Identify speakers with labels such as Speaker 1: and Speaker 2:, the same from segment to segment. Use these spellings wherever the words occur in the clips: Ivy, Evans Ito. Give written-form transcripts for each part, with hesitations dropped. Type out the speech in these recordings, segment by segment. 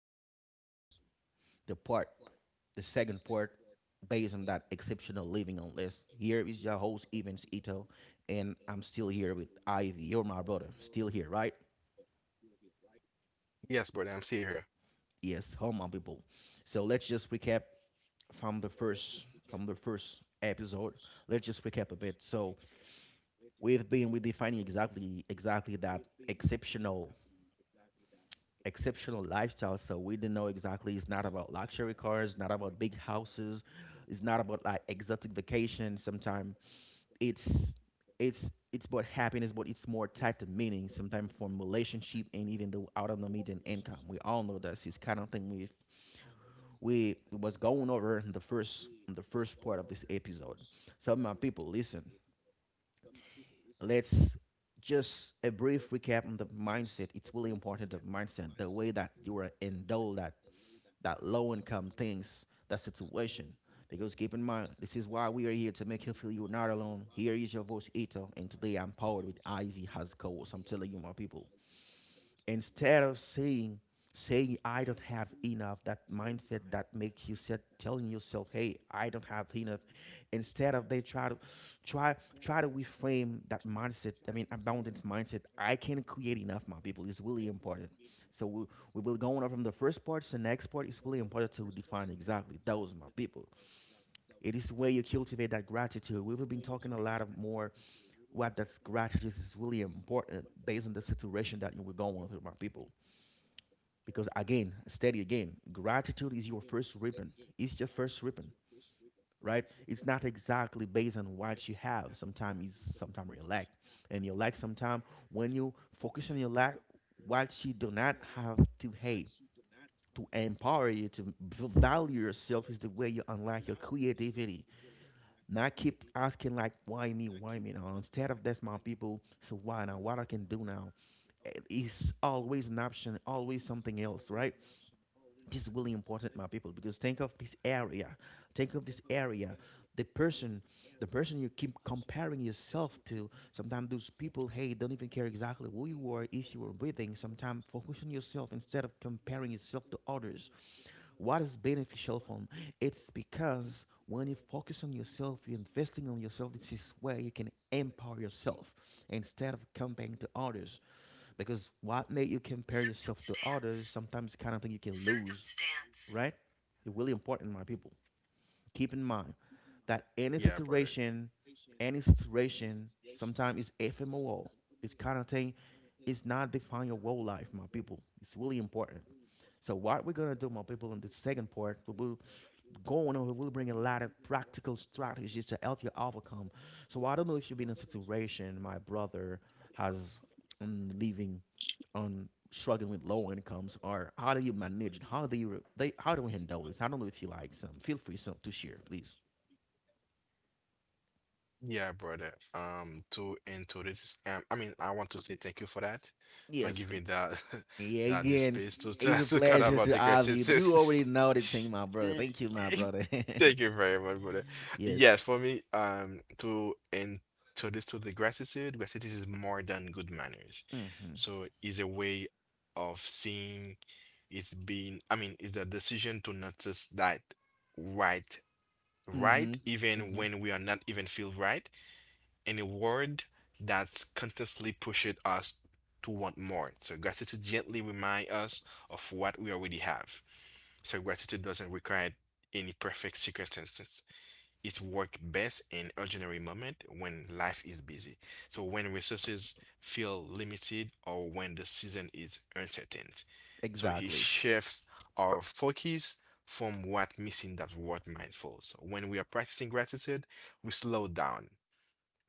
Speaker 1: podcast session, the part, the second part, based on that exceptional living on list. Here is your host, Evans Ito, and I'm still here with Ivy. You're my brother. Still here, right?
Speaker 2: Yes, brother, I'm still here.
Speaker 1: Yes, how my people. So let's just recap from the first from the first episode. Let's just recap a bit. So we've been redefining exactly that exceptional lifestyle. So we didn't know exactly. It's not about luxury cars, not about big houses, it's not about like exotic vacation. Sometimes it's it's about happiness, but it's more tied to meaning. Sometimes from relationship and even the autonomy than income. We all know that this kind of thing we was going over in the first part of this episode. So my people, listen. Let's just a brief recap on the mindset. It's really important the mindset, the way that you are indulged that low income things, that situation. Because keep in mind, this is why we are here to make you feel you're not alone. Here is your voice, Ito, and today I'm powered with Ivy has co-host. I'm telling you, my people, instead of saying, I don't have enough, that mindset that makes you set telling yourself, hey, I don't have enough. Instead of they try to try try to reframe that mindset, I mean abundance mindset, I can create enough, my people. It's really important. So we will go on from the first part to the next part. It's really important to define exactly those, my people. It is where you cultivate that gratitude. We've been talking a lot of more what that gratitude is really important based on the situation that you were going through, my people. Because again, steady again, gratitude is your first ribbon. It's your first ribbon, right? It's not exactly based on what you have. Sometimes it's sometimes you lack. And you lack sometimes when you focus on your lack, what you do not have to hate, to empower you, to value yourself is the way you unlock your creativity. Not keep asking like why me now. Instead of that's my people, so why now? What I can do now? It's always an option, always something else, right? This is really important, my people. Because think of this area think of this area the person you keep comparing yourself to, sometimes those people, hey, don't even care exactly who you are. If you are breathing, sometimes focus on yourself instead of comparing yourself to others. What is beneficial from it's because when you focus on yourself, you're investing on yourself. This is where you can empower yourself instead of comparing to others. Because what make you compare yourself to others sometimes kind of thing you can lose, right? It's really important, my people. Keep in mind that
Speaker 2: Yeah, brother.
Speaker 1: any situation, sometimes it's ephemeral. This kind of thing is not define your whole life, my people. It's really important. So what we're gonna do, my people, in the second part, we will going on, it will bring a lot of practical strategies to help you overcome. So I don't know if you've been in a situation. My brother has living on struggling with low incomes, or how do you manage it? How do you they? How do we handle this? I don't know if you like some. Feel free some to share, please.
Speaker 2: Yeah, brother. To into this, I mean, I want to say thank you for that, for
Speaker 1: Yes,
Speaker 2: giving me that
Speaker 1: yeah,
Speaker 2: that this
Speaker 1: again,
Speaker 2: space to
Speaker 1: it's a
Speaker 2: to cut
Speaker 1: pleasure
Speaker 2: about
Speaker 1: to
Speaker 2: the
Speaker 1: have you. You
Speaker 2: criticism.
Speaker 1: already know the thing, my brother. Thank you, my brother.
Speaker 2: Thank you very much, brother.
Speaker 1: Yes.
Speaker 2: Yes, for me, to into this to the gratitude, gratitude is more than good manners.
Speaker 1: Mm-hmm.
Speaker 2: So it's a way of seeing. It's being, I mean, it's the decision to notice that right
Speaker 1: Mm-hmm.
Speaker 2: right even
Speaker 1: Mm-hmm.
Speaker 2: when we are not even feel right, and a world that's constantly pushes us to want more, so gratitude gently remind us of what we already have. So gratitude doesn't require any perfect circumstances. It works best in ordinary moment when life is busy. So when resources feel limited or when the season is uncertain. So he
Speaker 1: Exactly.
Speaker 2: shifts our focus from what missing that what mindful. So when we are practicing gratitude, we slow down,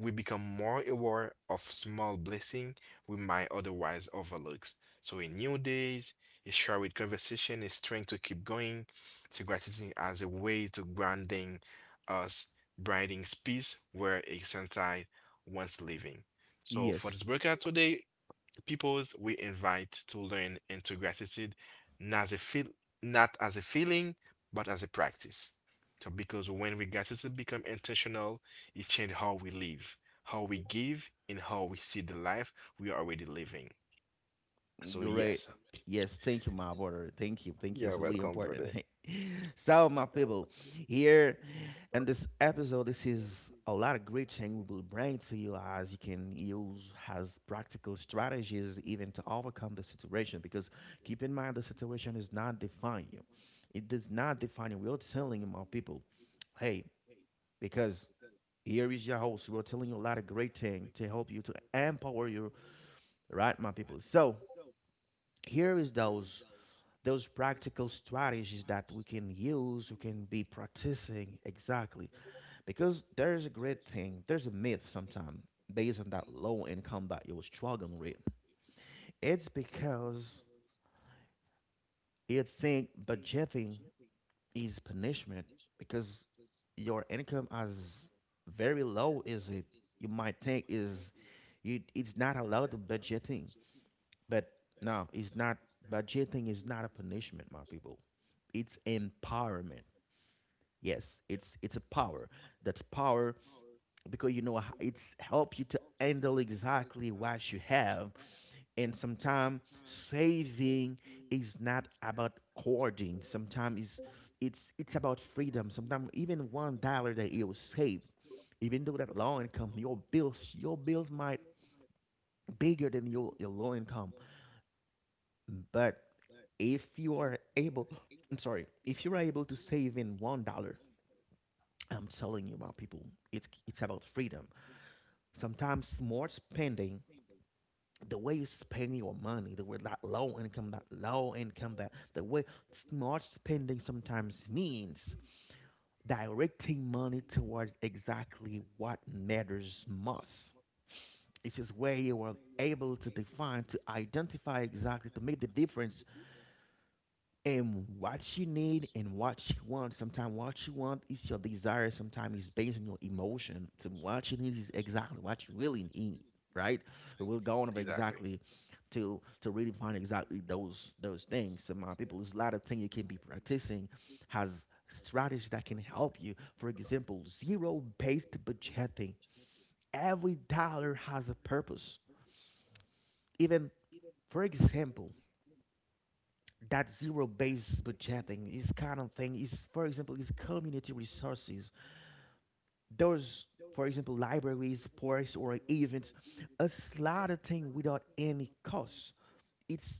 Speaker 2: we become more aware of small blessings we might otherwise overlook. So a new day, a shared conversation, a strength to keep going, to gratitude as a way to grounding us, brightening space where a sensei once living. So for
Speaker 1: Yes.
Speaker 2: this workout today, peoples we invite to learn into gratitude not as a feel, not as a feeling, but as a practice. So because when we gratitude become intentional, it changes how we live, how we give, and how we see the life we are already living. So
Speaker 1: Great.
Speaker 2: yes,
Speaker 1: Yes, thank you, my brother. Thank you. Thank you. It's
Speaker 2: you're
Speaker 1: really
Speaker 2: welcome,
Speaker 1: important.
Speaker 2: brother.
Speaker 1: So, my people, here in this episode, this is a lot of great thing we will bring to you as you can use as practical strategies even to overcome the situation. Because keep in mind, the situation is not define you. It does not define you. We're telling you, my people, hey, because here is your host. We're telling you a lot of great thing to help you to empower you, right, my people. So here is those practical strategies that we can use, we can be practicing exactly. Because there's a great thing, there's a myth sometimes based on that low income that you were struggling with. It's because you think budgeting is punishment because your income as very low is it you might think is you it's not allowed to budgeting. But no, it's not, budgeting is not a punishment, my people. It's empowerment. Yes, it's a power. That's power because you know it's help you to handle exactly what you have. And sometimes saving is not about hoarding. Sometimes it's about freedom. Sometimes even $1 that you save, even though that low income, your bills might bigger than your low income. But if you are able, I'm sorry, if you are able to save in $1, I'm telling you about people. It's about freedom. Sometimes smart spending, the way you spend your money, the way that low income, that low income, that the way smart spending sometimes means directing money towards exactly what matters most. It is where you are able to define, to identify exactly, to make the difference and what she need and what she wants. Sometimes what she want is your desire. Sometimes it's based on your emotion. So what she needs is exactly what you really need, right? We will go on about
Speaker 2: Exactly.
Speaker 1: exactly to really find exactly those things. So my people, there's a lot of things you can be practicing has strategies that can help you. For example, zero-based budgeting. Every dollar has a purpose. Even for example, that zero-based budgeting is kind of thing is, for example, is community resources. Those, for example, libraries, parks, or events, a lot of thing without any cost. It's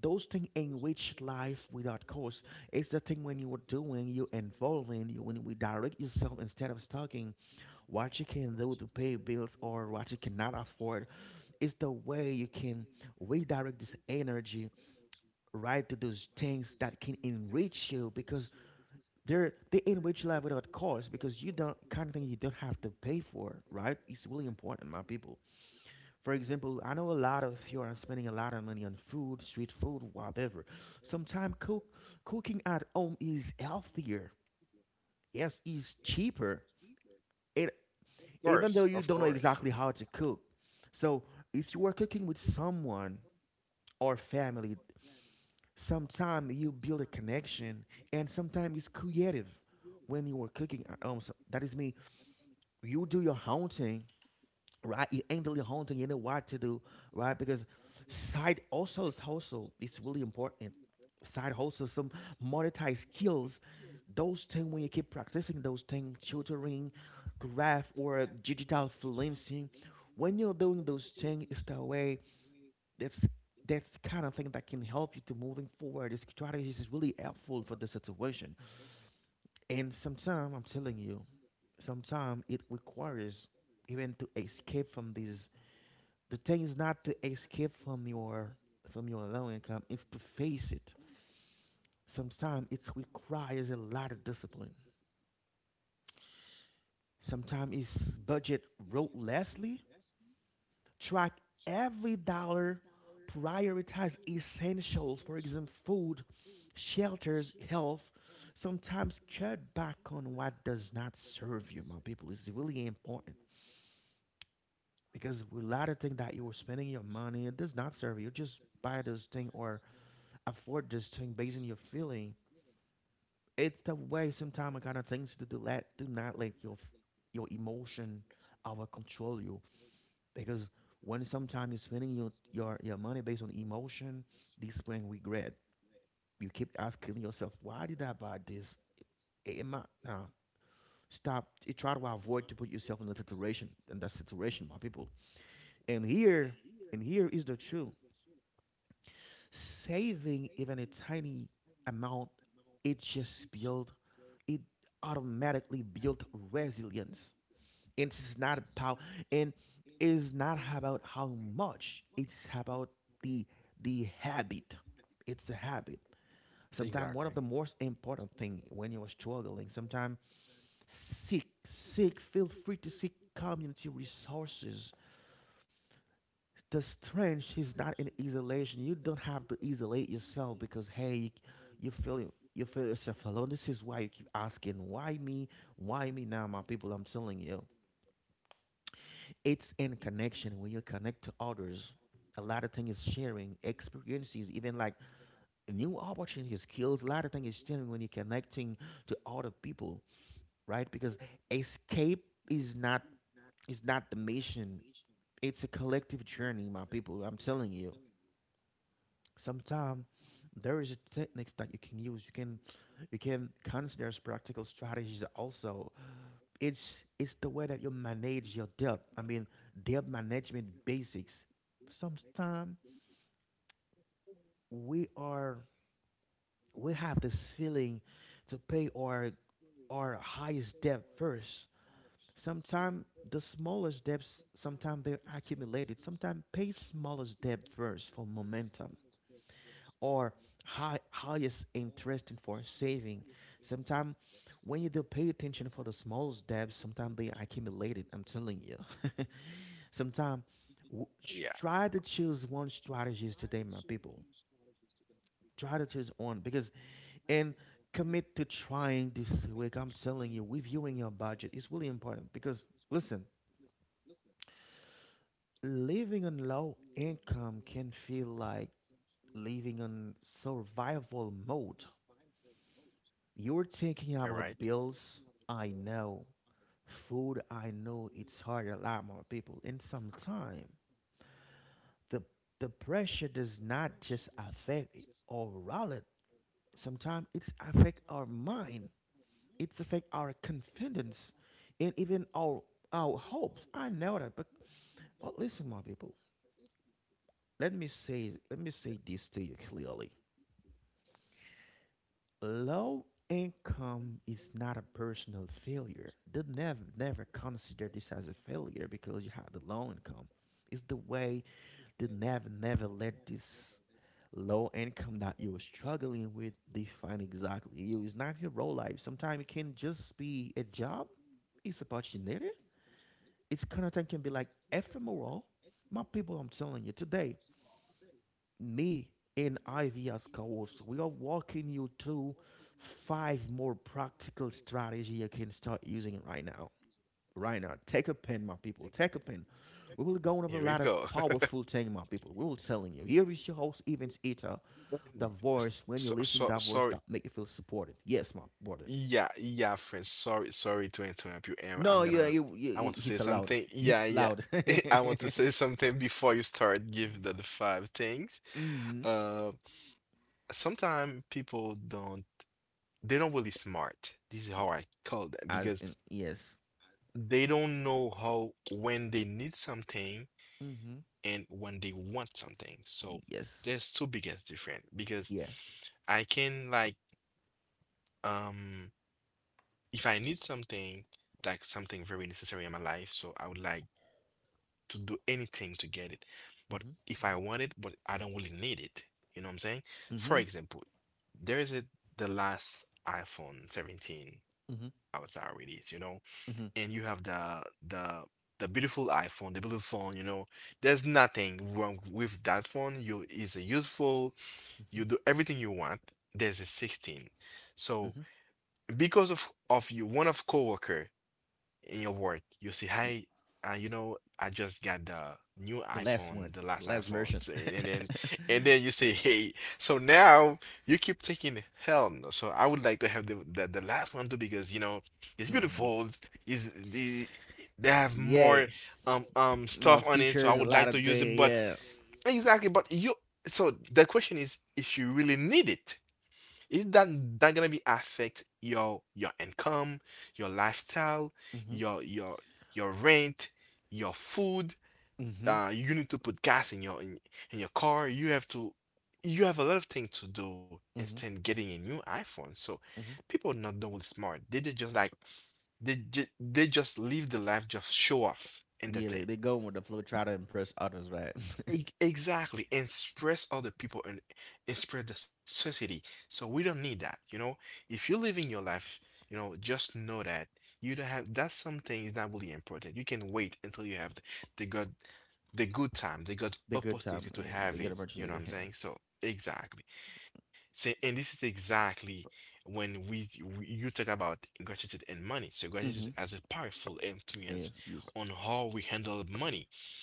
Speaker 1: those things enrich life without cost. It's the thing when you are doing, you involving, you when we direct yourself instead of talking what you can do to pay bills or what you cannot afford. It's the way you can redirect this energy right to those things that can enrich you because they enrich life without cost because you don't kind of thing you don't have to pay for, right? It's really important, my people. For example, I know a lot of you are spending a lot of money on food, street food, whatever. Sometimes cooking at home is healthier, yes, it's cheaper. It
Speaker 2: Of
Speaker 1: even though
Speaker 2: course,
Speaker 1: you don't
Speaker 2: of
Speaker 1: know exactly
Speaker 2: course.
Speaker 1: how to cook. So if you are cooking with someone or family, sometimes you build a connection, and sometimes it's creative. When you were cooking, so that is me. You do your own, right? You handle your own. You know what to do, right? Because side also is hustle. It's really important. Side hustle, some monetized skills. Those things when you keep practicing those things, tutoring, graph or digital freelancing. When you're doing those things, it's the way that's that's kind of thing that can help you to moving forward. This strategy is really helpful for the situation. And sometimes I'm telling you, sometimes it requires even to escape from these. The thing is not to escape from your low income. It's to face it. Sometimes it requires a lot of discipline. Sometimes it's budget ruthlessly. Track every dollar, prioritize essentials, for example, food, shelters, health. Sometimes cut back on what does not serve you, my people. It's really important because a lot of things that you were spending your money, it does not serve you. Just buy this thing or afford this thing based on your feeling. It's the way sometimes I kind of things to do. Let do not let your emotion over control you. Because when sometimes you're spending your money based on emotion, this brings regret. You keep asking yourself, why did I buy this? It, am I, nah, stop. You try to avoid to put yourself in that situation, my people. And here, and here is the truth. Saving even a tiny amount, it just build, it automatically build resilience. It's not about. And is not about how much. It's about the the habit. It's a habit. Sometimes one of the
Speaker 2: Exactly.
Speaker 1: most important thing, when you're struggling sometimes, seek seek feel free to seek community resources. The strength is not in isolation. You don't have to isolate yourself, because hey, you feel you feel yourself alone. This is why you keep asking, why me, why me. Now, my people, I'm telling you, it's in connection. When you connect to others, a lot of things is sharing experiences, even like new opportunities, skills. A lot of things is sharing when you're connecting to other people, right? Because escape is not is not the mission. It's a collective journey, my people. I'm telling you, sometimes there is a techniques that you can use. You can consider as practical strategies also. It's the way that you manage your debt. I mean, debt management basics. Sometimes we are we have this feeling to pay our highest debt first. Sometimes the smallest debts, sometimes they're accumulated. Sometimes pay smallest debt first for momentum, or highest interest and for saving. Sometimes when you do pay attention for the smallest debts, sometimes they are accumulated. I'm telling you. Sometimes w- try to choose one strategies today, my people. Try to choose one, because and commit to trying this week. I'm telling you, reviewing your budget is really important. Because listen, living on low income can feel like living on survival mode. You're thinking
Speaker 2: You're right.
Speaker 1: about bills, I know. Food, I know it's hard, a lot more people. And sometimes the the pressure does not just affect our wallet, sometimes it's affect our mind, it's affect our confidence, and even our hopes. I know that, but listen, my people. Let me say this to you clearly. Low income is not a personal failure. They never, never consider this as a failure because you have the low income. It's the way they never, never let this low income that you're struggling with define exactly you. It's not your role life. Sometimes it can just be a job. It's opportunity. It's kind of thing can be like ephemeral. My people, I'm telling you today, me and Ivy as co-hosts, we are walking you through five more practical strategy you can start using right now. Right now, take a pen, my people. Take a pen. We will go over a lot
Speaker 2: Here
Speaker 1: of
Speaker 2: we go.
Speaker 1: powerful thing, my people. We will telling you. Here is your host, Evans Eater, the voice. When you're listening, that voice
Speaker 2: Sorry.
Speaker 1: that make you feel supported. Yes, my brother.
Speaker 2: Yeah, yeah, friend. Sorry, sorry to interrupt you, and
Speaker 1: No.
Speaker 2: I'm
Speaker 1: Yeah,
Speaker 2: gonna I
Speaker 1: you
Speaker 2: want to say
Speaker 1: it's loud.
Speaker 2: something. Yeah,
Speaker 1: It's
Speaker 2: yeah.
Speaker 1: loud.
Speaker 2: I want
Speaker 1: Mm-hmm.
Speaker 2: to say something before you start giving the five things. Uh, sometimes people don't, they don't really smart. This is how I call them
Speaker 1: As
Speaker 2: because
Speaker 1: in, yes.
Speaker 2: they don't know how when they need something
Speaker 1: Mm-hmm.
Speaker 2: and when they want something. So
Speaker 1: Yes.
Speaker 2: there's two biggest difference because
Speaker 1: Yeah.
Speaker 2: I can like um if I need something, like something very necessary in my life, so I would like to do anything to get it. But
Speaker 1: Mm-hmm.
Speaker 2: if I want it, but I don't really need it, you know what I'm saying?
Speaker 1: Mm-hmm.
Speaker 2: For example, there is a, the last iPhone 17
Speaker 1: Mm-hmm.
Speaker 2: outside release, you know,
Speaker 1: Mm-hmm.
Speaker 2: and you have the the beautiful iPhone, the beautiful phone, you know. There's nothing wrong with that phone. You is useful.
Speaker 1: Mm-hmm.
Speaker 2: You do everything you want. There's a 16. So
Speaker 1: Mm-hmm.
Speaker 2: because of you, one of coworker in your work, you say,
Speaker 1: Mm.
Speaker 2: "Hi, you know, I just got the new
Speaker 1: the last one
Speaker 2: iPhone, the
Speaker 1: the
Speaker 2: last
Speaker 1: last
Speaker 2: iPhone."
Speaker 1: version.
Speaker 2: So, and then and then you say, "Hey," so now you keep thinking, "Hell no!" So I would like to have the last one too because you know it's
Speaker 1: Mm-hmm.
Speaker 2: beautiful. It's the they have
Speaker 1: Yeah.
Speaker 2: more
Speaker 1: My
Speaker 2: stuff on it, so I
Speaker 1: features, a
Speaker 2: would
Speaker 1: lot
Speaker 2: like to
Speaker 1: of
Speaker 2: use it,
Speaker 1: day.
Speaker 2: but.
Speaker 1: Yeah.
Speaker 2: Exactly, but you. So the question is, if you really need it, is that that gonna be affect your income, your lifestyle,
Speaker 1: Mm-hmm.
Speaker 2: your your rent, your food,
Speaker 1: Mm-hmm.
Speaker 2: uh, you need to put gas in in your car. You have to you have a lot of things to do instead
Speaker 1: Mm-hmm.
Speaker 2: of getting a new iPhone. So
Speaker 1: Mm-hmm.
Speaker 2: people not double smart, they did just like they, they just live the life just show off and
Speaker 1: Yeah,
Speaker 2: that's
Speaker 1: they,
Speaker 2: it.
Speaker 1: they go with the flow, try to impress others, right?
Speaker 2: Exactly, and spread other people, and spread the society. So we don't need that, you know. If you're living your life, you know, just know that you don't have. That's something is not really important. You can wait until you have the good, the good time, the good
Speaker 1: The good time,
Speaker 2: opportunity to
Speaker 1: the
Speaker 2: have
Speaker 1: good
Speaker 2: it. You
Speaker 1: opportunity
Speaker 2: know
Speaker 1: to
Speaker 2: what I'm
Speaker 1: have.
Speaker 2: saying? So exactly. So, and this is exactly when we you talk about gratitude and money. So gratitude
Speaker 1: Mm-hmm.
Speaker 2: has a powerful influence
Speaker 1: Yes, yes,
Speaker 2: on how we handle money.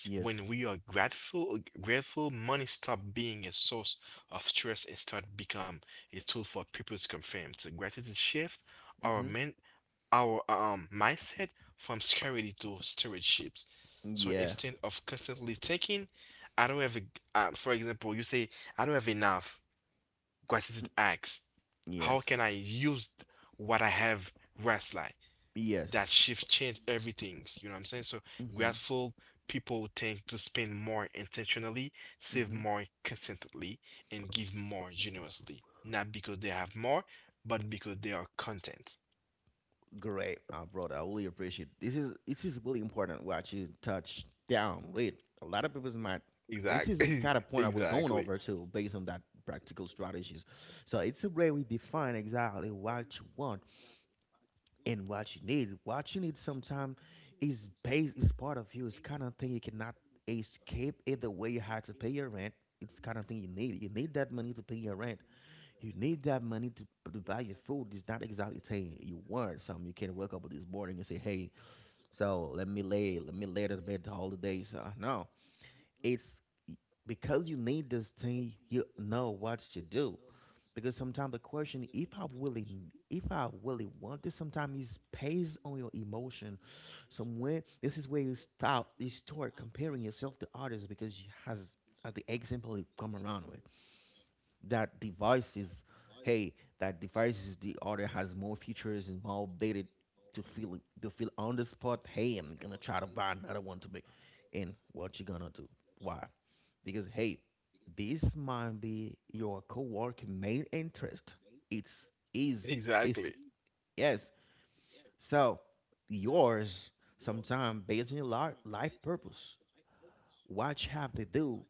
Speaker 2: When
Speaker 1: yes.
Speaker 2: we are grateful, money stop being a source of stress and start become a tool for people's comfort. So gratitude shift our men
Speaker 1: Mm-hmm.
Speaker 2: our mindset from scarcity to stewardships. So instead
Speaker 1: Yeah.
Speaker 2: of constantly thinking, I don't have a, for example, you say, I don't have enough. Gratitude
Speaker 1: Mm.
Speaker 2: acts. How can I
Speaker 1: Yes.
Speaker 2: use what I have wisely? That shift
Speaker 1: Yes.
Speaker 2: change everything. You know what I'm saying? So
Speaker 1: Mm-hmm.
Speaker 2: grateful people tend to spend more intentionally, save
Speaker 1: Mm-hmm.
Speaker 2: more consistently, and give more generously. Not because they have more, but because they are content.
Speaker 1: Great, brother. I really appreciate this. Is this is really important what you touch down with. A lot of people's might. This is
Speaker 2: Exactly.
Speaker 1: the kind of point I will
Speaker 2: Exactly.
Speaker 1: going over to, based on that practical strategies. So it's a way we define exactly what you want and what you need. What you need sometimes is base, is part of you. It's kind of thing you cannot escape it. The way you had to pay your rent, it's kind of thing you need. You need that money to pay your rent. You need that money to buy your food. It's not exactly saying you want. Something you can't wake up this morning and say, "Hey, so let me lay to bed all the day." So no, it's because you need this thing. You know what you do. Because sometimes the question, if I really want this, sometimes is based on your emotion. Somewhere, this is where you stop, you start comparing yourself to others because you has, as the example you come around with, that device is, hey, that device is the other has more features and more updated. To feel to feel on the spot, hey, I'm gonna try to buy another one to make. And what you gonna do? Why? Because hey, this might be your co-worker main interest. It's, is,
Speaker 2: Exactly.
Speaker 1: it's, yes, so yours, sometime based on your life purpose, what you have to do.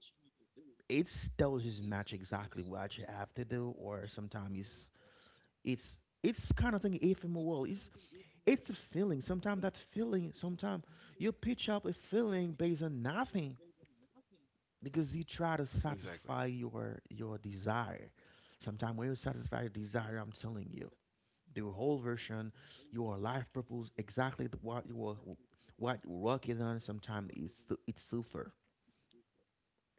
Speaker 1: It's does just match exactly what you have to do. Or sometimes it's it's kind of thing ephemeral. World. It's a feeling. Sometimes that feeling, sometimes you pitch up a feeling based on nothing because you try to
Speaker 2: Exactly.
Speaker 1: satisfy your desire. Sometimes when you satisfy your desire, I'm telling you, the whole version, your life purpose, exactly the, what you were, what you're working on. Sometimes it's super.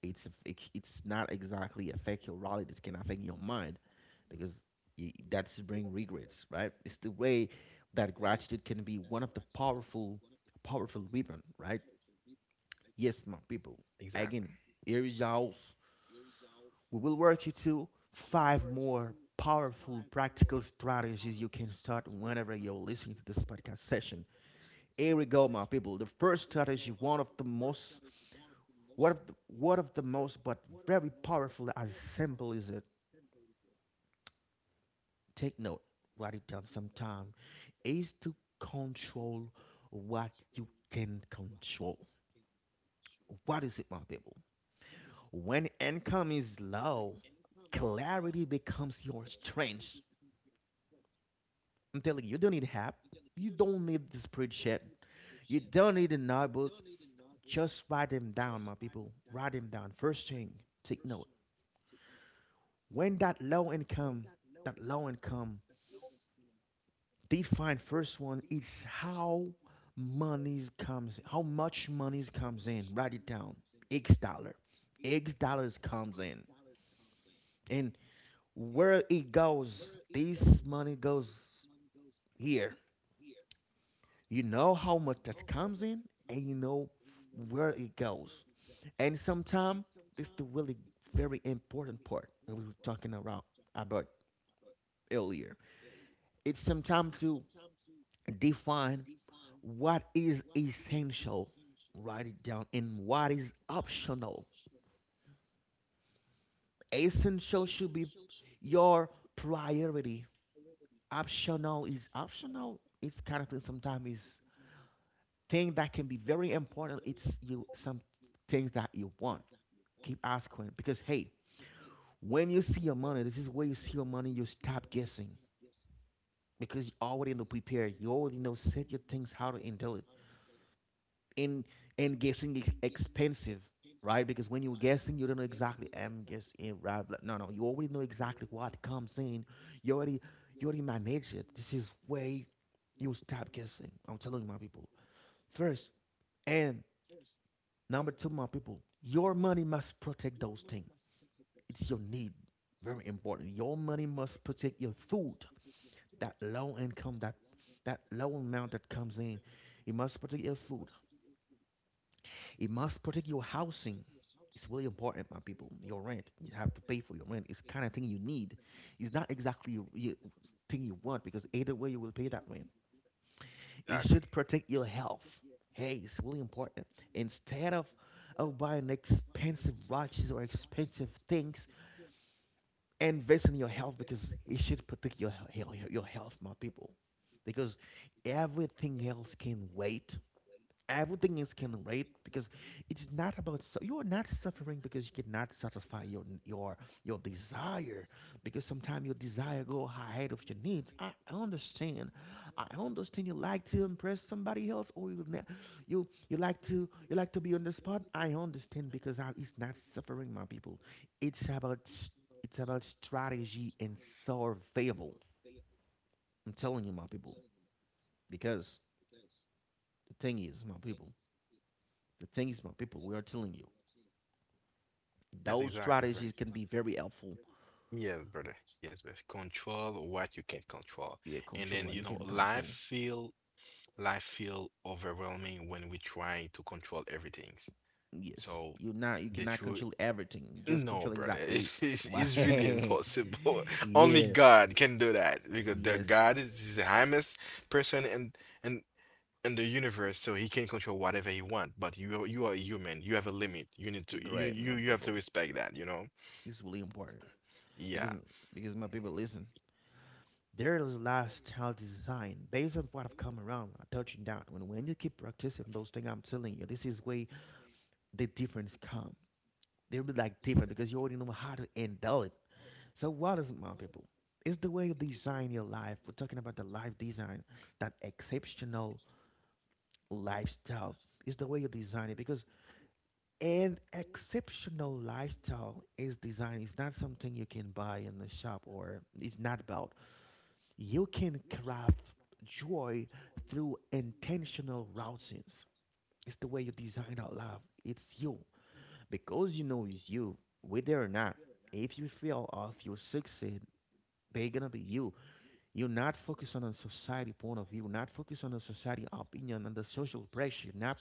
Speaker 1: It's not exactly affect your reality. It can affect your mind because that's bring regrets, right? It's the way that gratitude can be one of the powerful, powerful weapon, right? Yes, my people.
Speaker 2: Exactly.
Speaker 1: Again, here is yours. We will work you through five more powerful practical strategies you can start whenever you're listening to this podcast session. Here we go, my people. The first strategy, What of the, one of the most, but very powerful, as simple is it? Take note, write it down sometime, is to control what you can control. What is it, my people? When income is low, clarity becomes your strength. I'm telling you, you don't need app, you don't need the spreadsheet, you don't need a notebook. Just write them down, my people. Write them down. First thing, take note. When that low income define first one is how monies comes how much monies comes in, write it down. x dollar X dollars comes in. And where it goes, this money goes here. You know how much that comes in, and you know where it goes. And sometimes it's the really very important part that we were talking around about earlier. It's sometimes to define what is essential, write it down, and what is optional. Essential should be your priority. Optional is optional. It's kind of thing, sometimes is thing that can be very important. It's you, some things that you want, keep asking. Because hey, when you see your money, this is where you see your money, you stop guessing. Because you already know prepared, you already know set your things how to handle it. And guessing is expensive, right? Because when you're guessing, you don't know exactly. I'm guessing, right? Blah- No, no, you already know exactly what comes in. You already you already manage it. This is way you stop guessing. I'm telling you, my people. First, and number two, my people, your money must protect those things. It's your need. Very important. Your money must protect your food. That low income, that low amount that comes in, it must protect your food. It must protect your housing. It's really important, my people. Your rent, you have to pay for your rent. It's kind of thing you need. It's not exactly thing you want because either way you will pay that rent. It should protect your health. Hey, it's really important. Instead of buying expensive watches or expensive things, invest in your health because it should protect your your health, my people. Because everything else can wait, everything is can rate. Because it's not about, so you are not suffering because you cannot satisfy your desire. Because sometimes your desire go ahead of your needs. I understand. I understand you like to impress somebody else, or you you like to be on the spot. I understand. It's not suffering, my people. it's about s- it's about strategy and survival. I'm telling you, my people. Because the thing is my people the thing is, my people, we are telling you,
Speaker 2: Yes,
Speaker 1: those
Speaker 2: exactly, Frank.
Speaker 1: strategies can be very helpful.
Speaker 2: Yes, brother. Yes, but control what you can control.
Speaker 1: Yeah,
Speaker 2: And then,
Speaker 1: control
Speaker 2: you
Speaker 1: what
Speaker 2: know,
Speaker 1: you can control.
Speaker 2: life feel overwhelming when we trying to control everything.
Speaker 1: Yes,
Speaker 2: So
Speaker 1: you not, you
Speaker 2: the
Speaker 1: cannot
Speaker 2: truth
Speaker 1: control everything. Just
Speaker 2: no,
Speaker 1: control
Speaker 2: brother,
Speaker 1: exactly
Speaker 2: it's really
Speaker 1: why.
Speaker 2: impossible. Only
Speaker 1: Yeah.
Speaker 2: God can do that because the
Speaker 1: Yes.
Speaker 2: God is the highest person and in the universe, so he can control whatever he want. But you are a human. You have a limit. You need to
Speaker 1: Great, my
Speaker 2: you have to
Speaker 1: people.
Speaker 2: respect that. You know?
Speaker 1: It's really important because,
Speaker 2: Yeah,
Speaker 1: my people, listen. There is lifestyle design based on what I've come around. I touching down, when you keep practicing those things. I'm telling you, this is way the difference come. They'll be like different because you already know how to handle it. So what is it, my people? It's the way you design your life. We're talking about the life design, that exceptional lifestyle. It's the way you design it because an exceptional lifestyle is designed. It's not something you can buy in the shop or it's not about. You can craft joy through intentional routines. It's the way you design our life. It's you. Because you know it's you, whether or not, if you fail or if you succeed, they're gonna be you. You're not focused on a society point of view, not focused on a society opinion and the social pressure. Not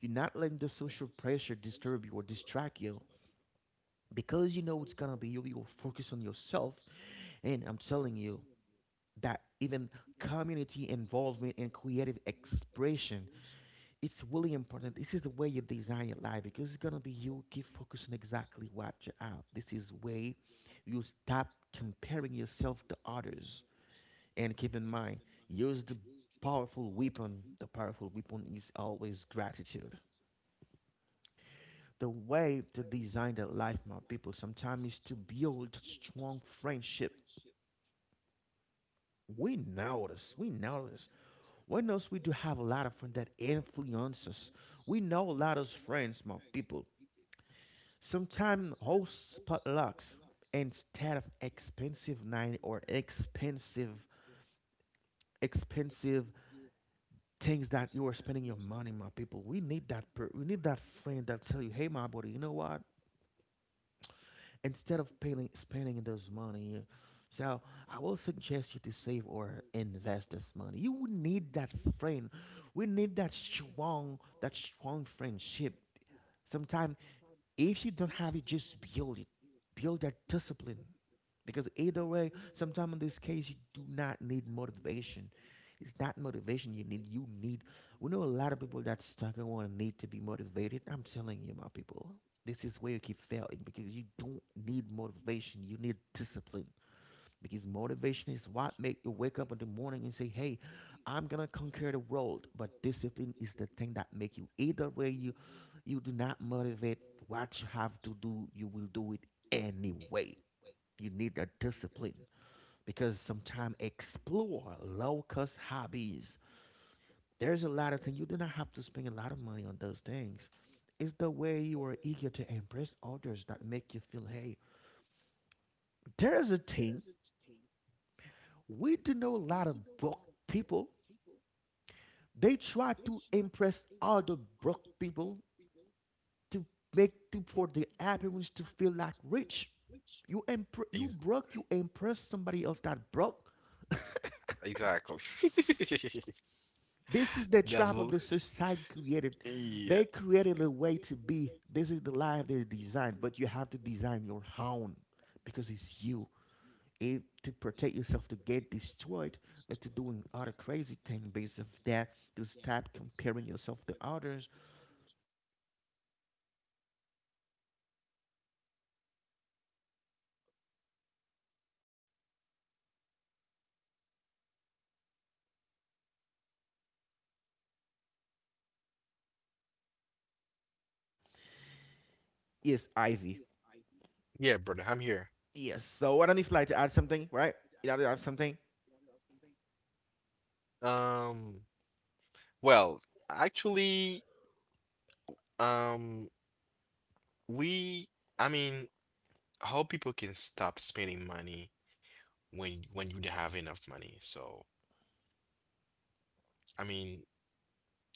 Speaker 1: You're not letting the social pressure disturb you or distract you. Because you know it's gonna be you, you'll focus on yourself. And I'm telling you that even community involvement and creative expression, it's really important. This is the way you design your life because it's gonna be you, keep focusing exactly what you have. This is way you stop comparing yourself to others and keep in mind, use the powerful weapon. The powerful weapon is always gratitude. The way to design the life, my people, sometimes is to build strong friendship. We know this. We know this. We know we do have a lot of friends that influence us. We know a lot of friends, my people. Sometimes host potlucks instead of expensive night or expensive things that you are spending your money, my people. We need that. We need that friend that tell you, "Hey, my buddy, you know what? Instead of paying, spending those money, so I will suggest you to save or invest this money. You would need that friend. We need that strong friendship. Sometimes if you don't have it, just build it. Build that discipline. Because either way, sometimes in this case, you do not need motivation. It's not motivation you need. You need. We know a lot of people that stuck and want to need to be motivated. I'm telling you, my people, this is where you keep failing because you don't need motivation. You need discipline. Because motivation is what make you wake up in the morning and say, "Hey, I'm gonna conquer the world." But discipline is the thing that make you. Either way, you do not motivate what you have to do, you will do it anyway. You need a discipline because sometimes explore low cost hobbies. There's a lot of things you do not have to spend a lot of money on those things. It's the way you are eager to impress others that make you feel, hey, there's a thing we do know a lot of broke people. They try to impress other broke people to make to for the appearance to feel like rich. You broke, you impress somebody else that broke.
Speaker 2: exactly.
Speaker 1: This is the trap
Speaker 2: That's
Speaker 1: of the
Speaker 2: l-
Speaker 1: society created. They
Speaker 2: yeah,
Speaker 1: created a way to be. This is the life they designed, but you have to design your own because it's you. If to protect yourself to get destroyed, not to doing other crazy thing based of that, to stop comparing yourself to others. This is why my people to build that discipline and allied with that gratitude you can consider as a powerful weapon. Yes, it's William. I don't know if you'd like to add something based on that I touched down with. Yes, Ivy.
Speaker 2: yeah, brother. I'm here.
Speaker 1: Yes. So I don't know if you'd like to add something, right? You like to add something?
Speaker 2: Um. Well, actually, um, we. I mean, how people can stop spending money when you don't have enough money. So I mean,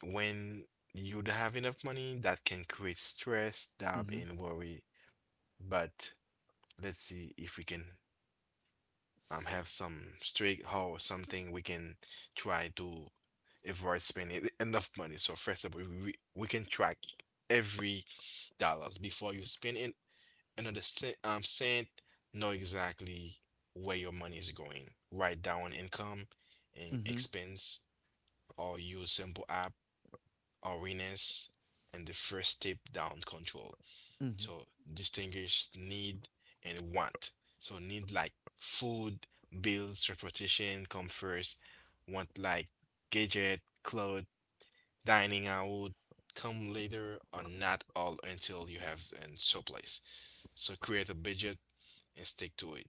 Speaker 2: when you don't have enough money, that can create stress, doubt,
Speaker 1: Mm-hmm.
Speaker 2: and worry. But let's see if we can have some streak or something we can try to avoid spending enough money. So first of all, we can track every dollars before you spend it and understand cent know exactly where your money is going. Write down income and
Speaker 1: Mm-hmm.
Speaker 2: expense or use simple app or Reness and the first step down control.
Speaker 1: Mm-hmm.
Speaker 2: So distinguish need and want. So need like food, bills, transportation come first. Want like gadget, clothes, dining out come later or not all until you have and surplus. So create a budget and stick to it.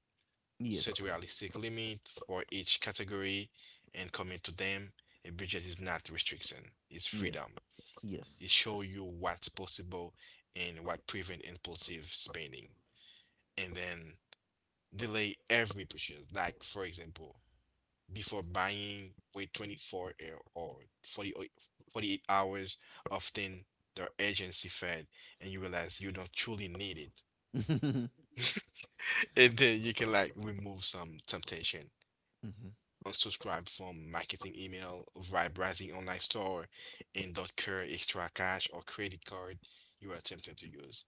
Speaker 1: Yes.
Speaker 2: Set realistic limit for each category and commit to them. A budget is not restriction, it's
Speaker 1: Yes.
Speaker 2: freedom.
Speaker 1: Yes.
Speaker 2: It show you what's possible and what prevent impulsive spending, and then delay every purchase. Like for example, before buying, wait 24 or or 48, forty-eight hours. Often the agency fed, and you realize you don't truly need
Speaker 1: Mm-hmm.
Speaker 2: it, and then you can like remove some temptation. Unsubscribe from marketing email via browsing online store and don't care extra cash or credit card you are tempted to use.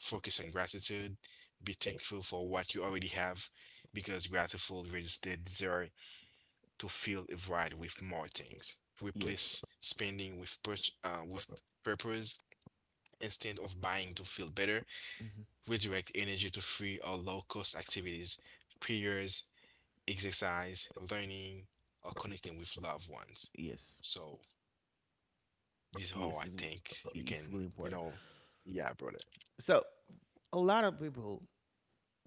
Speaker 2: Focus on gratitude. Be thankful for what you already have because grateful raises the desire to fill a void with more things.
Speaker 1: Yes.
Speaker 2: Replace spending with with purpose instead of buying to feel better.
Speaker 1: Mm-hmm.
Speaker 2: Redirect energy to free or low cost activities, prayers, exercise, learning, or connecting with loved ones.
Speaker 1: Yes.
Speaker 2: So this is
Speaker 1: Yes.
Speaker 2: how I think we
Speaker 1: It's
Speaker 2: can,
Speaker 1: really important.
Speaker 2: you know, yeah, brother.
Speaker 1: So a lot of people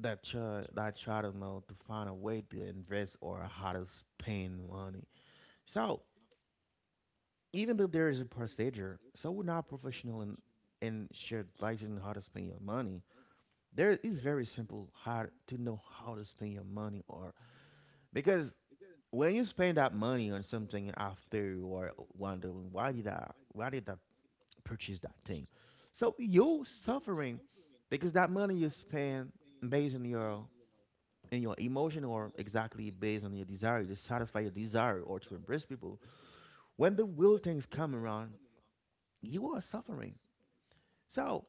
Speaker 1: that try to know to find a way to invest or how to spend money. So even though there is a procedure, so we're not professional in share advice on how to spend your money. There is very simple how to know how to spend your money or because when you spend that money on something after you are wondering why did I purchase that thing? So you're suffering because that money you spend based on your in your emotion or exactly based on your desire to satisfy your desire or to embrace people when the will things come around you are suffering, so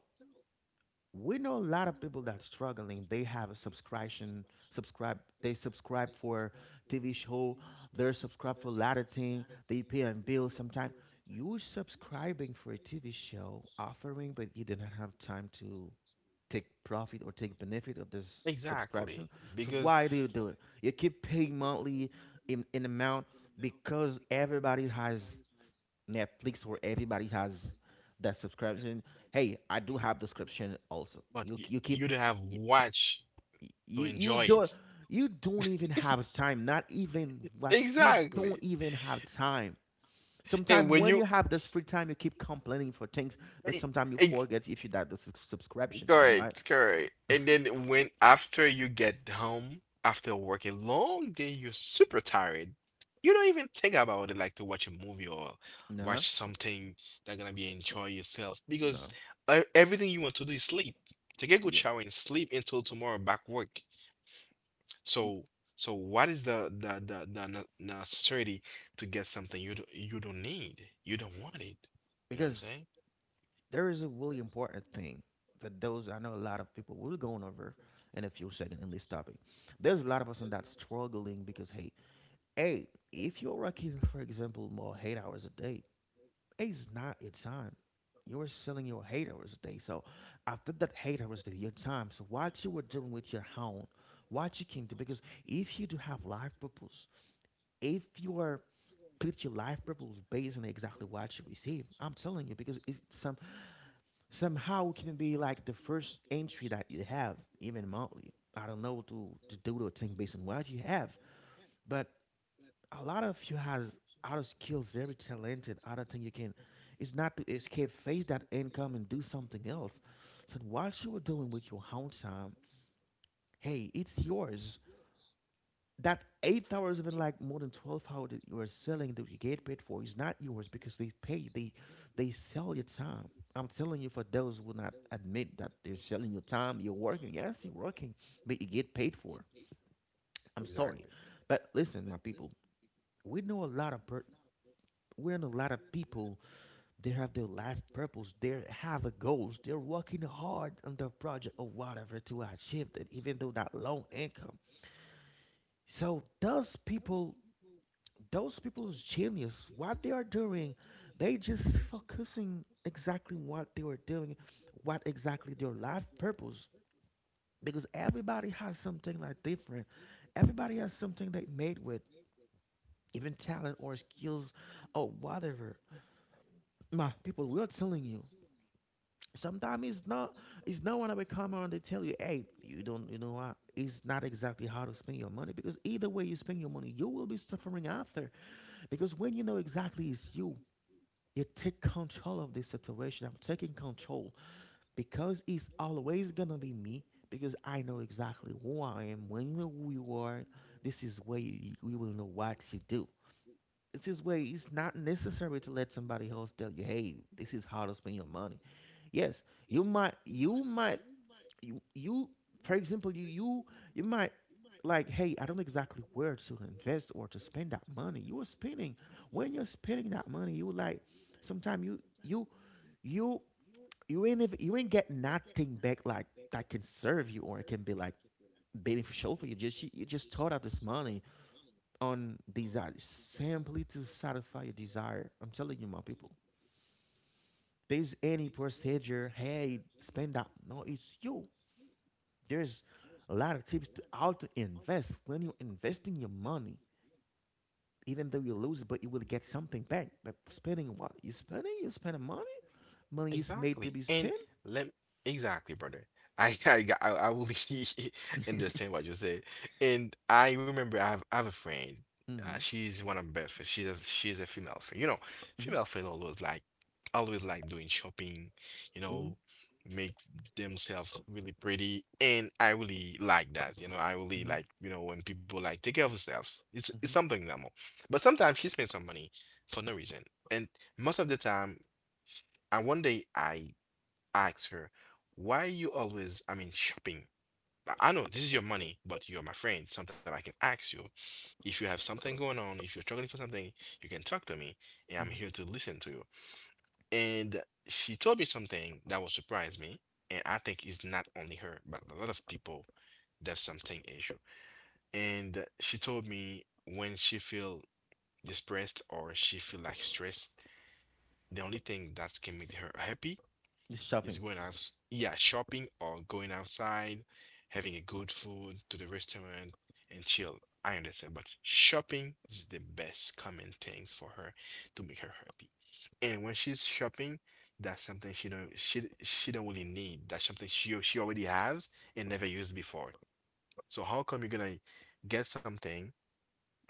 Speaker 1: we know a lot of people that struggling they have a subscription subscribe they subscribe for TV show, they're subscribed for a lot of thing they pay on bills sometime, you subscribing for a TV show offering but you did not have time to take profit or take benefit of this subscription.
Speaker 2: Exactly.
Speaker 1: So
Speaker 2: Because
Speaker 1: why do you do it? You keep paying monthly in an amount because everybody has Netflix or everybody has that subscription. Hey, I do have the subscription also.
Speaker 2: but
Speaker 1: You you keep
Speaker 2: you don't have
Speaker 1: you,
Speaker 2: watch to
Speaker 1: you
Speaker 2: enjoy
Speaker 1: don't
Speaker 2: it.
Speaker 1: you don't even have time. Not even watch. You don't
Speaker 2: Exactly.
Speaker 1: even have time.
Speaker 2: And
Speaker 1: Sometimes
Speaker 2: when
Speaker 1: when you
Speaker 2: you
Speaker 1: have this free time, you keep complaining for things, but sometimes you
Speaker 2: ex
Speaker 1: forget if you got the subscription. Am I right?
Speaker 2: correct, correct. And then when after you get home after work, a long day, you're super tired. You don't even think about it like to watch a movie or
Speaker 1: No,
Speaker 2: watch something that gonna be enjoy yourself because
Speaker 1: no.
Speaker 2: everything you want to do is sleep. Take a good
Speaker 1: Yeah.
Speaker 2: shower and sleep until tomorrow back work. So so what is the ne- necessity to get something you do, you don't need? You don't want it. You know what I'm
Speaker 1: Because
Speaker 2: saying?
Speaker 1: there is a really important thing for those I know a lot of people we're going over in a few seconds in this topic. There's a lot of us on that's struggling because hey, hey, if you're working, for example, more 8 hours a day, it's not your time. You're selling your 8 hours a day. So after that 8 hours that your time, so what you were doing with your own, what you can do because if you do have life purpose, if you are put your life purpose based on exactly what you receive, I'm telling you because it's somehow it can be like the first entry that you have even monthly. I don't know to do the thing based on what you have but a lot of you has other skills very talented other thing you can, it's not to escape face that income and do something else, so what you were doing with your own time, hey it's yours. That 8 hours, even like more than 12 hours that you are selling that you get paid for is not yours because they they sell your time. I'm telling you, for those who will not admit that they're selling your time, you're working. Yes, you're working, but you get paid for. I'm sorry,
Speaker 2: Exactly.
Speaker 1: but listen, my people, we know a lot of per- we know a lot of people. They have their life purpose. They have a goals. They're working hard on their project or whatever to achieve that, even though that low income. So those people is genius. What they are doing, they just focusing exactly what they were doing, what exactly their life purpose. Because everybody has something like different. Everybody has something they made with, even talent or skills or whatever. My people, we are telling you. Sometimes it's not when they come around they tell you, hey, you don't you know what? It's not exactly how to spend your money because either way you spend your money, you will be suffering after. Because when you know exactly it's you, you take control of this situation. I'm taking control because it's always gonna be me because I know exactly who I am. When you know who you are, this is where you will know what to do. This is where it's not necessary to let somebody else tell you, "Hey, this is how to spend your money." Yes, you might, you might, you for example, you might like, "Hey, I don't know exactly where to invest or to spend that money." You are spending when you're spending that money, you like sometimes you you ain't even, you ain't get nothing back like that can serve you or it can be like beneficial for you. Just you just thought out this money on desire simply to satisfy your desire. I'm telling you, my people. There's any procedure. Hey, spend that. No, it's you. There's a lot of tips to how to invest when you're investing your money. Even though you lose it, but you will get something back. But spending what you spending money. Money is made to
Speaker 2: Exactly.
Speaker 1: be
Speaker 2: And
Speaker 1: spent.
Speaker 2: let exactly, brother. I I will understand what you said. And I remember I have a friend.
Speaker 1: Mm-hmm.
Speaker 2: She's one of my best friends. She's a female friend. You know,
Speaker 1: Mm. Mhm.
Speaker 2: female friend always like doing shopping, you
Speaker 1: Mm-hmm.
Speaker 2: know, make themselves really pretty. And I really like that. You know, I really like, you know, when people like take care of themselves. It's
Speaker 1: Mm-hmm.
Speaker 2: something normal. But sometimes she spends some money for no reason. And most of the time and one day I asked her, why you always, I mean, shopping? I know this is your money, but you're my friend. Sometimes I can ask you if you have something going on, if you're struggling for something, you can talk to me, and I'm
Speaker 1: Mhm.
Speaker 2: here to listen to you. And she told me something that will surprise me, and I think it's not only her, but a lot of people that have something issue. And she told me when she feel depressed or she feel like stressed, the only thing that can make her happy
Speaker 1: Just shopping.
Speaker 2: just going out, yeah, shopping or going outside, having a good food to the restaurant and chill. I understand, but shopping is the best common things for her to make her happy. And when she's shopping, that's something she don't really need. That's something she already has and never used before. So how come you're gonna get something?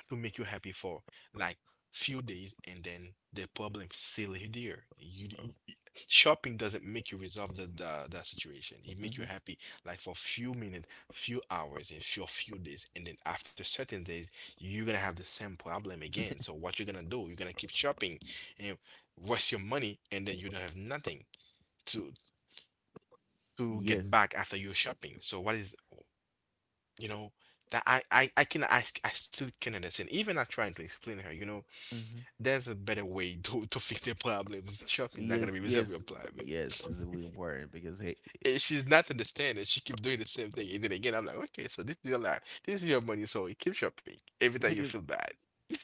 Speaker 2: To make you happy for like few days and then the problem still is there. You- Shopping doesn't make you resolve the situation. It make you
Speaker 1: Hmm.
Speaker 2: happy like for few minutes, few hours, and few few days, and then after certain days, you're gonna have the same problem again. So what you're gonna do? You're gonna keep shopping and waste your money, and then you don't have nothing to to
Speaker 1: Yes.
Speaker 2: get back after you're shopping. So what is you know that I still can understand. Even I trying to explain her,
Speaker 1: Hmm.
Speaker 2: there's a better way to fix their problems. Shopping's not gonna
Speaker 1: Yes.
Speaker 2: be resolve
Speaker 1: Yes.
Speaker 2: your problem.
Speaker 1: Yes. It's really important because hey,
Speaker 2: And she's not understanding. She keeps doing the same thing. And then again, I'm like, okay, so this is your life. This is your money, so keep shopping every time you
Speaker 1: because
Speaker 2: feel bad.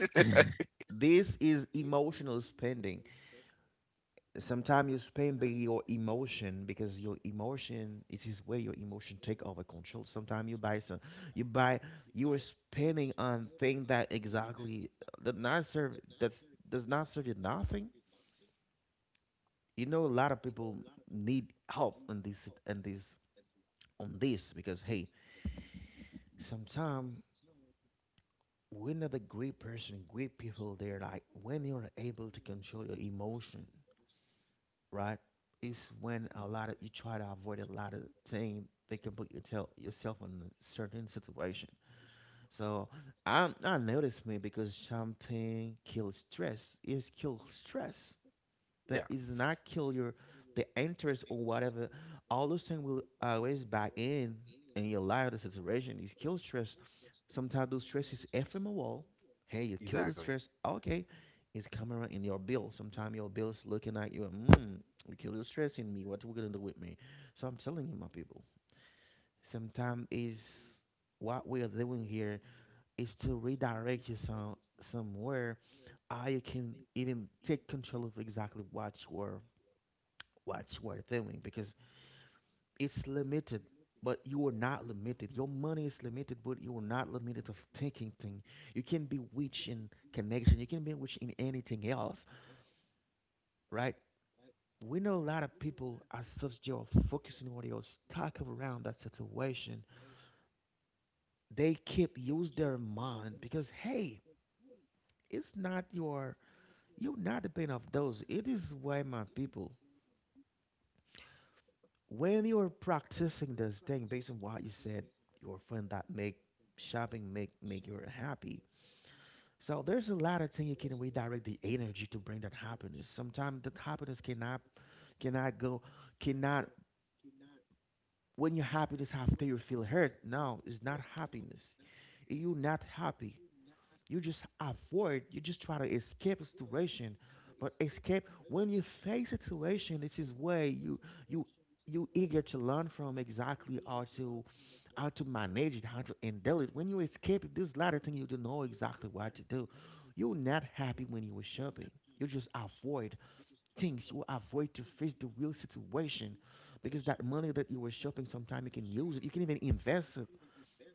Speaker 1: this is emotional spending. Sometimes you spend by your emotion because your emotion it is where your emotion take over control. Sometimes you buy you are spending on thing that exactly that not serve that does not serve you nothing. You know, a lot of people need help on this on this on this because hey, sometimes we're not another great person, great people there, like when you're able to control your emotion, right? It's when a lot of you try to avoid a lot of things they can put your yourself in a certain situation. So I noticed me because something kills stress. Is kill stress that is not kill your the interest or whatever. All those things will always back in your life. The situation is kill stress. Sometimes those stress is ephemeral. Hey, you kill the stress.
Speaker 2: Exactly.
Speaker 1: Okay, it's coming right in your bill. Sometimes your bill is looking at you. Mm, you kill the stress in me. What are we gonna do with me? So I'm telling you, my people. Sometimes is what we are doing here is to redirect you some somewhere. I you can even take control of exactly what you are doing because it's limited, but you are not limited. Your money is limited, but you are not limited of thinking thing. You can be rich in connection. You can be rich in anything else, right? We know a lot of people as such, they are focusing on, they are stuck around that situation. They keep use their mind because hey, it's not your, you're not dependent of those. It is why my people, when you're practicing this thing based on what you said, your friend that make shopping make you happy. So there's a lot of things you can redirect the energy to bring that happiness. Sometimes that happiness cannot, cannot go cannot when you're happy just after you feel hurt. No, it's not happiness. You're not happy. You just avoid, you just try to escape a situation. But escape, when you face a situation, this is where you you eager to learn from exactly how to, how to manage it, how to handle it. When you escape this latter thing, you don't know exactly what to do. You're not happy when you were shopping. You just avoid things. You avoid to face the real situation, because that money that you were shopping, sometime you can use it. You can even invest it.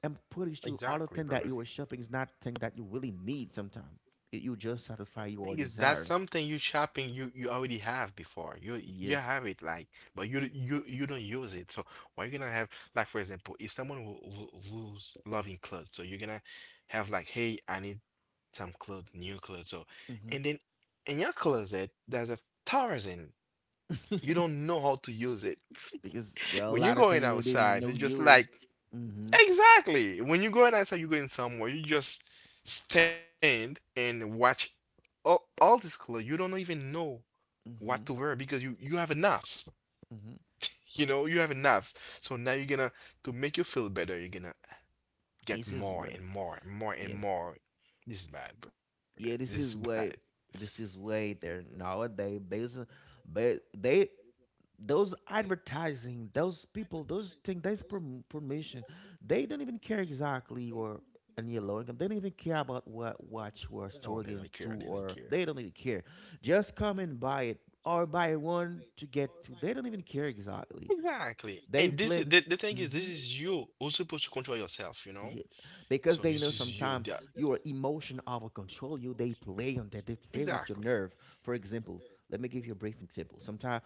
Speaker 1: I'm pretty sure all the thing
Speaker 2: Exactly,
Speaker 1: that you were
Speaker 2: brother.
Speaker 1: shopping is not thing that you really need sometimes. You just satisfy your
Speaker 2: Thing is that's
Speaker 1: desire.
Speaker 2: something you shopping you you already have before you you
Speaker 1: Yes.
Speaker 2: have it like but you don't use it, so why you gonna have, like, for example, if someone will lose loving clothes, so you're gonna have like, hey, I need some clothes, new clothes, so and then
Speaker 1: hmm
Speaker 2: in your closet there's a thousand you don't know how to use it.
Speaker 1: Because there are a
Speaker 2: When you're
Speaker 1: lot of
Speaker 2: going
Speaker 1: things you didn't even
Speaker 2: outside,
Speaker 1: know
Speaker 2: you're just
Speaker 1: you used.
Speaker 2: like
Speaker 1: Mm-hmm.
Speaker 2: exactly. When you go outside, you're going somewhere. You just stand and watch all this color. You don't even know
Speaker 1: Mm-hmm.
Speaker 2: what to wear because you have enough.
Speaker 1: Mm-hmm.
Speaker 2: You know, you have enough. So now you're gonna to make you feel better. You're gonna get
Speaker 1: This is
Speaker 2: more
Speaker 1: what.
Speaker 2: and more, more and
Speaker 1: Yes.
Speaker 2: more. This is bad, brother. This is
Speaker 1: Yeah, this
Speaker 2: bad.
Speaker 1: is why. This is why they're nowadays based. But they, those advertising, those people, those things, those permission, they don't even care exactly, or and your low income. They don't even care about what watch we're
Speaker 2: No, they don't really
Speaker 1: struggling to,
Speaker 2: care. They don't
Speaker 1: or
Speaker 2: care.
Speaker 1: they don't even care. Just come and buy it, or buy one to get to. They don't even care exactly.
Speaker 2: Exactly.
Speaker 1: They
Speaker 2: And this is
Speaker 1: play.
Speaker 2: the thing is, this
Speaker 1: Mhm.
Speaker 2: is you who's supposed to control yourself. You know.
Speaker 1: Yeah, because
Speaker 2: So
Speaker 1: they know
Speaker 2: this is you.
Speaker 1: sometimes
Speaker 2: The,
Speaker 1: your emotion overcontrol you. They play on that. They play with your
Speaker 2: exactly.
Speaker 1: nerve. For example, let me give you a brief example. Sometimes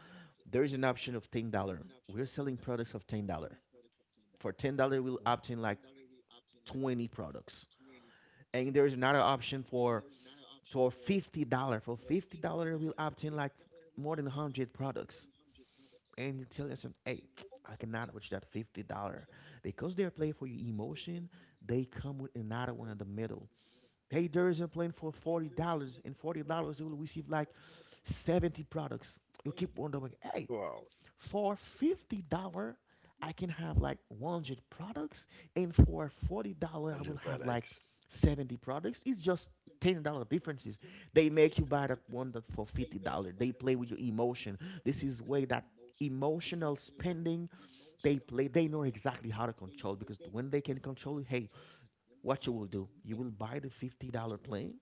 Speaker 1: there is an option of $10. We're selling products of $10. For $10, we'll obtain like 20 products, and there is another option for $50. For $50, we'll obtain like more than 100 products. And you tell yourself, hey, I cannot reach that $50 because they're playing for your emotion. They come with another one in the middle. Hey, there is a plan for $40, and $40, you will receive like 70 products. You keep wondering, hey,
Speaker 2: Well,
Speaker 1: for $50, I can have like 100 products, and for $40, I will
Speaker 2: Alex.
Speaker 1: have like 70 products. It's just $10 differences. They make you buy that one that for $50. They play with your emotion. This is way that emotional spending. They play. They know exactly how to control, because when they can control it, hey, what you will do, you will buy the $50 plane.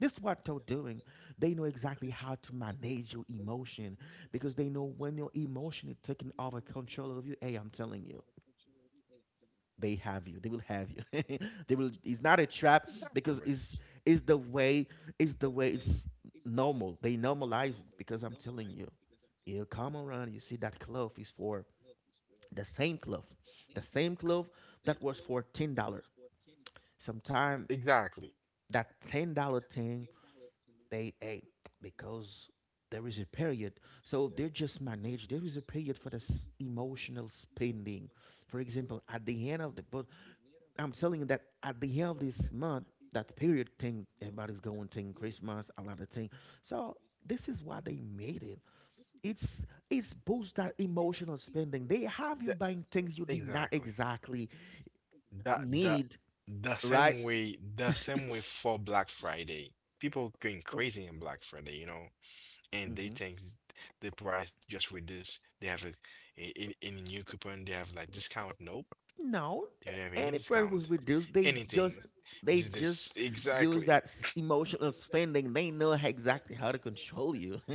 Speaker 1: This is what they're doing. They know exactly how to manage your emotion, because they know when your emotion is taking over control of you. Hey, I'm telling you, they have you. They will have you. They will. It's not a trap,
Speaker 2: Exactly. We're,
Speaker 1: because it's, is the way. It's the way. It's normal. They normalize it, because I'm telling you, you come around. You see that cloth is for, the same cloth, the same cloth that was for $10. Sometime
Speaker 2: exactly.
Speaker 1: that $10 thing, they a, because there is a period. So they just manage. There is a period for the emotional spending. For example, at the end of the, but I'm telling you that at the end of this month, that period thing, everybody's going thing Christmas, a lot of thing. So this is why they made it. It's boost that emotional spending.
Speaker 2: The,
Speaker 1: They have you buying things you
Speaker 2: exactly.
Speaker 1: did not exactly
Speaker 2: That,
Speaker 1: need,
Speaker 2: the same way,
Speaker 1: right?
Speaker 2: the same way for Black Friday. People going crazy in Black Friday, you know, and they think
Speaker 1: Mm-hmm.
Speaker 2: the price just reduced. They have any new coupon. They have like discount. Nope. Do they have
Speaker 1: No,
Speaker 2: any discount?
Speaker 1: any price was reduced.
Speaker 2: Anything.
Speaker 1: They just,
Speaker 2: This is this
Speaker 1: they just
Speaker 2: exactly.
Speaker 1: use that emotional spending. They know exactly how to control you,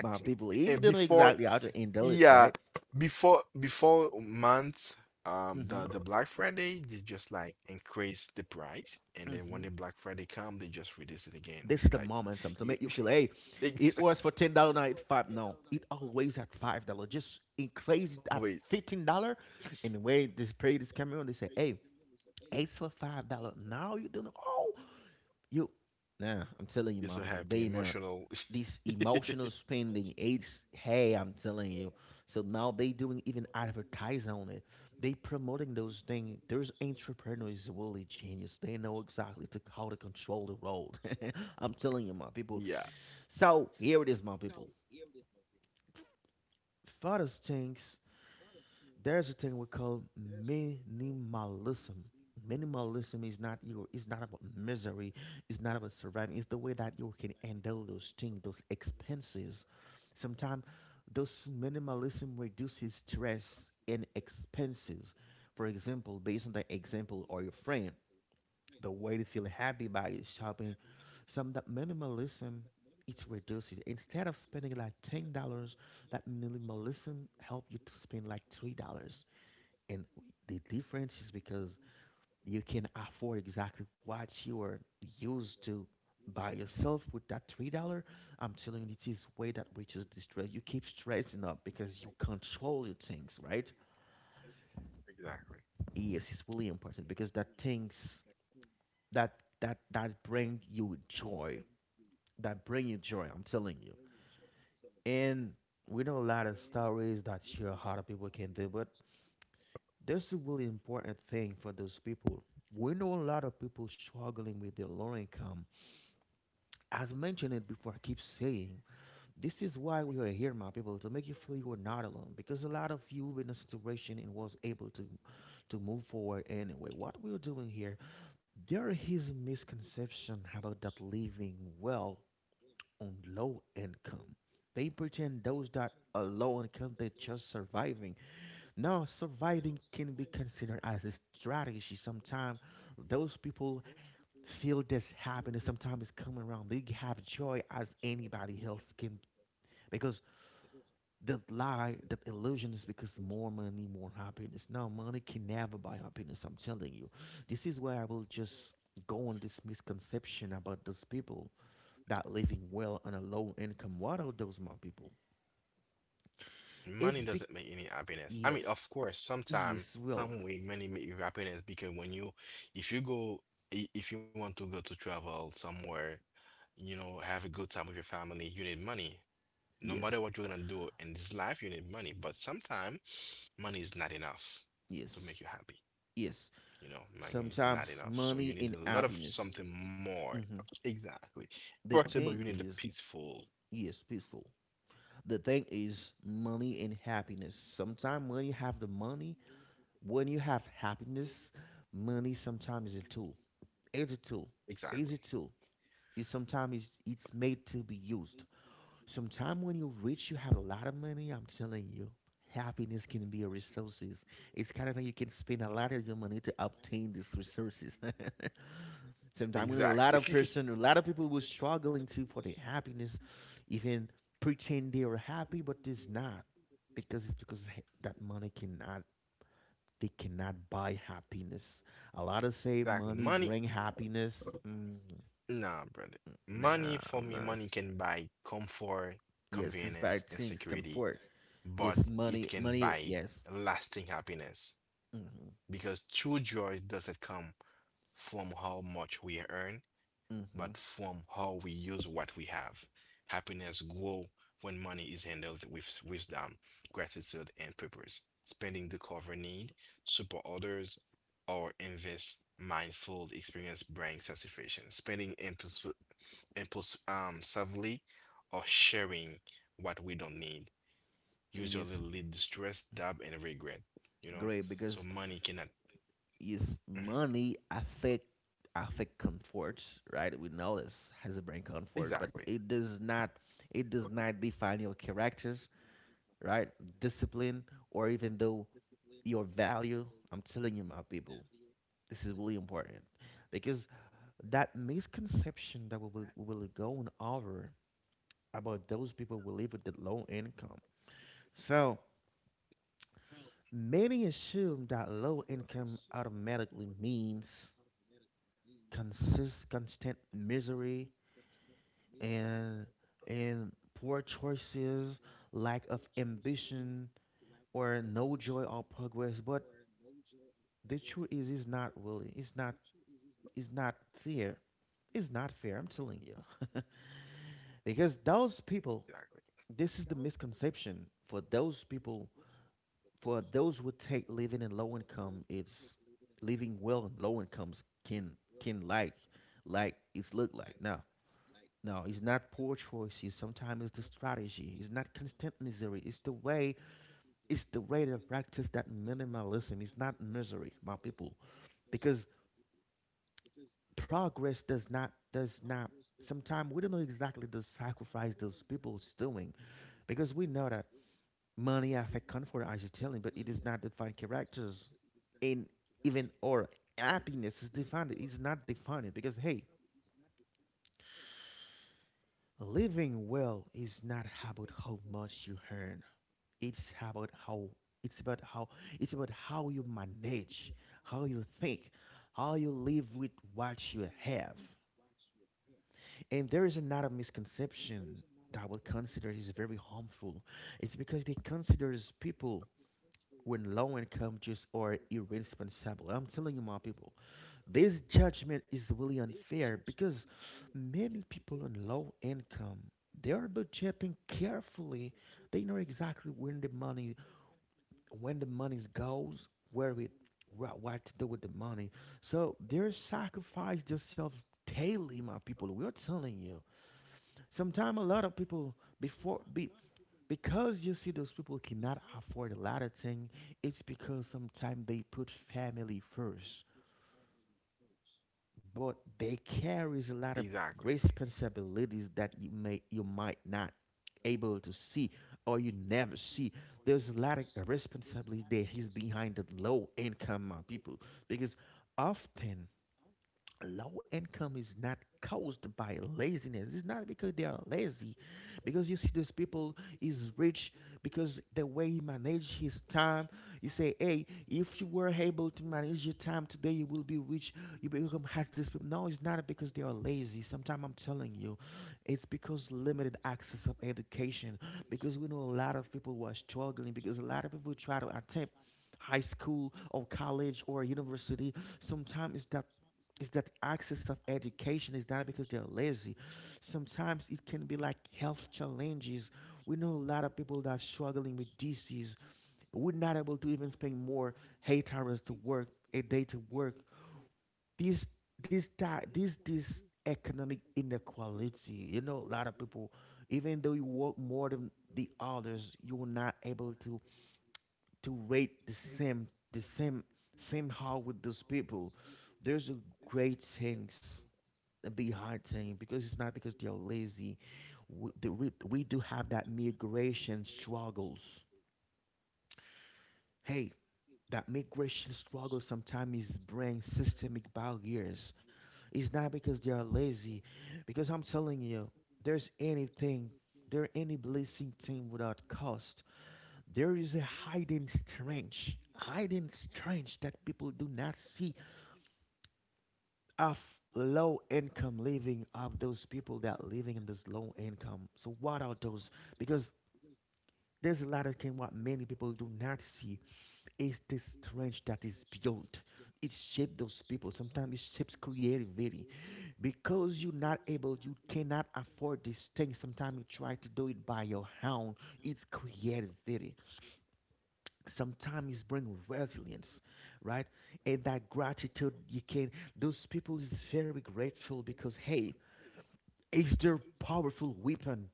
Speaker 1: my people. If you
Speaker 2: And
Speaker 1: don't know
Speaker 2: before,
Speaker 1: exactly how to handle it,
Speaker 2: yeah,
Speaker 1: right?
Speaker 2: before months,
Speaker 1: Mm-hmm.
Speaker 2: the Black Friday they just like increase the price, and then
Speaker 1: hmm
Speaker 2: when the Black Friday come, they just reduce it again.
Speaker 1: This is the
Speaker 2: Like
Speaker 1: momentum to make
Speaker 2: you,
Speaker 1: you feel, hey, it
Speaker 2: it's
Speaker 1: was for $10, now it's 5. No, it always at $5. Just increase it at
Speaker 2: always
Speaker 1: $15. And the way this period is coming on, they say, hey, it's for $5. Now you don't know. Oh. You, nah, I'm telling you,
Speaker 2: you're
Speaker 1: my
Speaker 2: so
Speaker 1: people,
Speaker 2: happy,
Speaker 1: they in there.
Speaker 2: emotional.
Speaker 1: This emotional spending, it's hey, I'm telling you. So now they doing even advertise on it. They promoting those things. There's entrepreneurs really genius. They know exactly to how to control the road. I'm telling you, my
Speaker 2: Yeah,
Speaker 1: people. So here it is, my people. Father's things, there's a thing we call minimalism. Minimalism is not your, it's not about misery, it's not about surviving, it's the way that you can handle those things, those expenses. Sometimes those minimalism reduces stress and expenses. For example, based on the example or your friend, the way to feel happy by shopping, some that minimalism, it reduces. Instead of spending like $10, that minimalism help you to spend like $3. And the difference is because you can afford exactly what you are used to by yourself with that $3. I'm telling you, it is way that reaches the stress. You keep stressing up because you control your things, right? Yes, it's really important because that things that that bring you joy. That bring you joy. I'm telling you. And we know a lot of stories that sure a lot of people can do, but that's a really important thing for those people. We know a lot of people struggling with their low income. As mentioned it before, I keep saying, this is why we are here, my people, to make you feel you are not alone. Because a lot of you in a situation and was able to move forward anyway. What we are doing here, there is a misconception about that living well on low income. They pretend those that are low income, they're just surviving. Now, surviving can be considered as a strategy. Sometimes those people feel this happiness. Sometimes it's coming around. They have joy as anybody else can, because that lie, that illusion is because more money, more happiness. Now, money can never buy happiness. I'm telling you. This is where I will just go on this misconception about those people that living well on a low income. What are those more people?
Speaker 2: money
Speaker 1: It's be,
Speaker 2: doesn't make any happiness. I
Speaker 1: yes,
Speaker 2: mean, of course, sometime,
Speaker 1: yes, well,
Speaker 2: some way, money make you happiness because if you go, if you want to go to travel somewhere, you know, have a good time with your family, you need money. No matter what you're
Speaker 1: yes,
Speaker 2: gonna do in this life, you need money. But sometimes money is not enough to make you happy.
Speaker 1: yes,
Speaker 2: You
Speaker 1: yes.
Speaker 2: know, money is not enough.
Speaker 1: Sometimes
Speaker 2: So you need a
Speaker 1: money
Speaker 2: lot of
Speaker 1: and
Speaker 2: something
Speaker 1: happiness.
Speaker 2: more.
Speaker 1: hmm
Speaker 2: Exactly. First of all, you
Speaker 1: The
Speaker 2: need the
Speaker 1: thing is,
Speaker 2: peaceful.
Speaker 1: yes, peaceful. The thing is money and happiness. Sometimes when you have the money, when you have happiness, money sometimes is a tool. It's a tool.
Speaker 2: Exactly.
Speaker 1: It's a tool. It sometimes, it's made to be used. Sometime when you're rich, you have a lot of money. I'm telling you, happiness can be a resources. It's kind of like you can spend a lot of your money to obtain these resources. Sometimes when a
Speaker 2: Exactly.
Speaker 1: lot of person, a lot of people were struggling to for their happiness, even pretend they are happy, but it's not, because it's because that money cannot, they cannot buy happiness. A lot of say
Speaker 2: Exactly.
Speaker 1: money
Speaker 2: Money,
Speaker 1: bring happiness. Mm,
Speaker 2: nah, brother. Money for
Speaker 1: nah,
Speaker 2: me,
Speaker 1: no,
Speaker 2: money can
Speaker 1: it's-
Speaker 2: buy comfort,
Speaker 1: Yes, it's
Speaker 2: convenience, and
Speaker 1: bad things.
Speaker 2: security,
Speaker 1: Comfort.
Speaker 2: but
Speaker 1: Yes,
Speaker 2: it
Speaker 1: money,
Speaker 2: can buy
Speaker 1: money. Yes.
Speaker 2: lasting happiness.
Speaker 1: Mhm.
Speaker 2: Because true joy doesn't come from how much we earn, but
Speaker 1: Mhm.
Speaker 2: from how we use what we have. Happiness grows when money is handled with wisdom, gratitude, and purpose. Spending the cover need, support others, or invest mindful experience brings satisfaction. Spending impulse, savvily or sharing what we don't need usually lead to
Speaker 1: Yes,
Speaker 2: stress, doubt, and regret. You know, so
Speaker 1: great.
Speaker 2: money
Speaker 1: Because
Speaker 2: cannot. Mhm.
Speaker 1: yes, money affect, affect comfort, right? We know this has a
Speaker 2: Exactly.
Speaker 1: brain comfort, but it does not, it does not define your characters, right? Discipline or even though your value. I'm telling you, my people, this is really important because that misconception that we will go on over about those people who live with the low income. So many assume that low income automatically means consist, constant misery, and and poor choices, lack of ambition, or no joy or progress. But the truth is, it's not really. It's not. It's not fair. It's not fair. I'm telling you, because those people. This is the misconception for those people, for those who take living in low income, it's living well in low incomes can like it's look like. No, no, it's not poor choices. Sometimes it's the strategy. It's not constant misery. It's the way. It's the way they practice that minimalism. It's not misery, my people, because progress does not, does not. Sometimes we don't know exactly the sacrifice those people is doing, because we know that money affect comfort, as you telling, but it is not defined characters, and even or happiness is defined. It's not defined because hey, living well is not about how much you earn. It's about how, it's about how it's about how you manage, how you think, how you live with what you have. And there is another misconception that I would consider is very harmful. It's because they considers people when low income just are irresponsible. I'm telling you, my people, this judgment is really unfair because many people on low income, they are budgeting carefully. They know exactly when the money goes, where it what to do with the money. So they sacrifice themselves daily, my people. We're telling you. Sometimes a lot of people before be because you see those people cannot afford a lot of things, it's because sometimes they put family first, but they
Speaker 2: Exactly.
Speaker 1: carries a lot of responsibilities that you might not able to see or you never see. There's a lot of responsibility there he's behind the low income people because often low income is not caused by laziness. It's not because they are lazy, because you see those people is rich because the way he manage his time. You say, hey, if you were able to manage your time today you will be rich. You become has this people. No, it's not because they are lazy sometimes, I'm telling you. It's because limited access of education, because we know a lot of people who are struggling because a lot of people try to attempt high school or college or university. Sometimes it's that is that access of education, is not because they're lazy. Sometimes it can be like health challenges. We know a lot of people that are struggling with disease. We're not able to even spend more 8 hours to work, a day to work. This this ti- this economic inequality. You know, a lot of people, even though you work more than the others, you're not able to rate the same same how with those people. There's a great things behind thing because it's not because they're lazy. We do have that migration struggles. Hey, that migration struggle sometimes bring systemic barriers. It's not because they are lazy, because I'm telling you, there's anything, there any blessing thing without cost. There is a hidden strength, hidden strength that people do not see of low income living, of those people that living in this low income. So what are those? Because there's a lot of thing what many people do not see is the strength that is built. It shapes those people. Sometimes it shapes creativity. Because you're not able, you cannot afford these things. Sometimes you try to do it by your own. It's creativity. Sometimes it's bring resilience, right? And that gratitude you can, those people is very grateful because hey, it's their powerful weapon.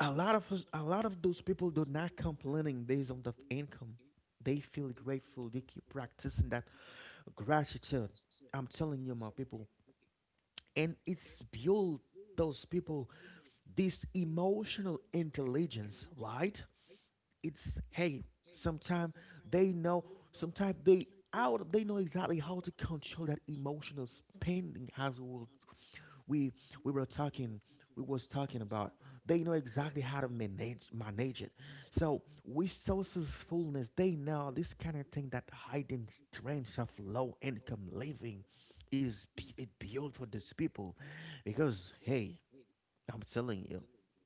Speaker 1: A lot of us, a lot of those people do not complaining based on the income. They feel grateful. They keep practicing that gratitude. I'm telling you, my people, and it's built those people this emotional intelligence, right? It's hey, sometimes they know, sometimes they out, they know exactly how to control that emotional spending as well. We we were talking we was talking about they know exactly how to manage it. So with successfulness they know this kind of thing, that hiding strength of low income living is it built for these people. Because hey, I'm telling you,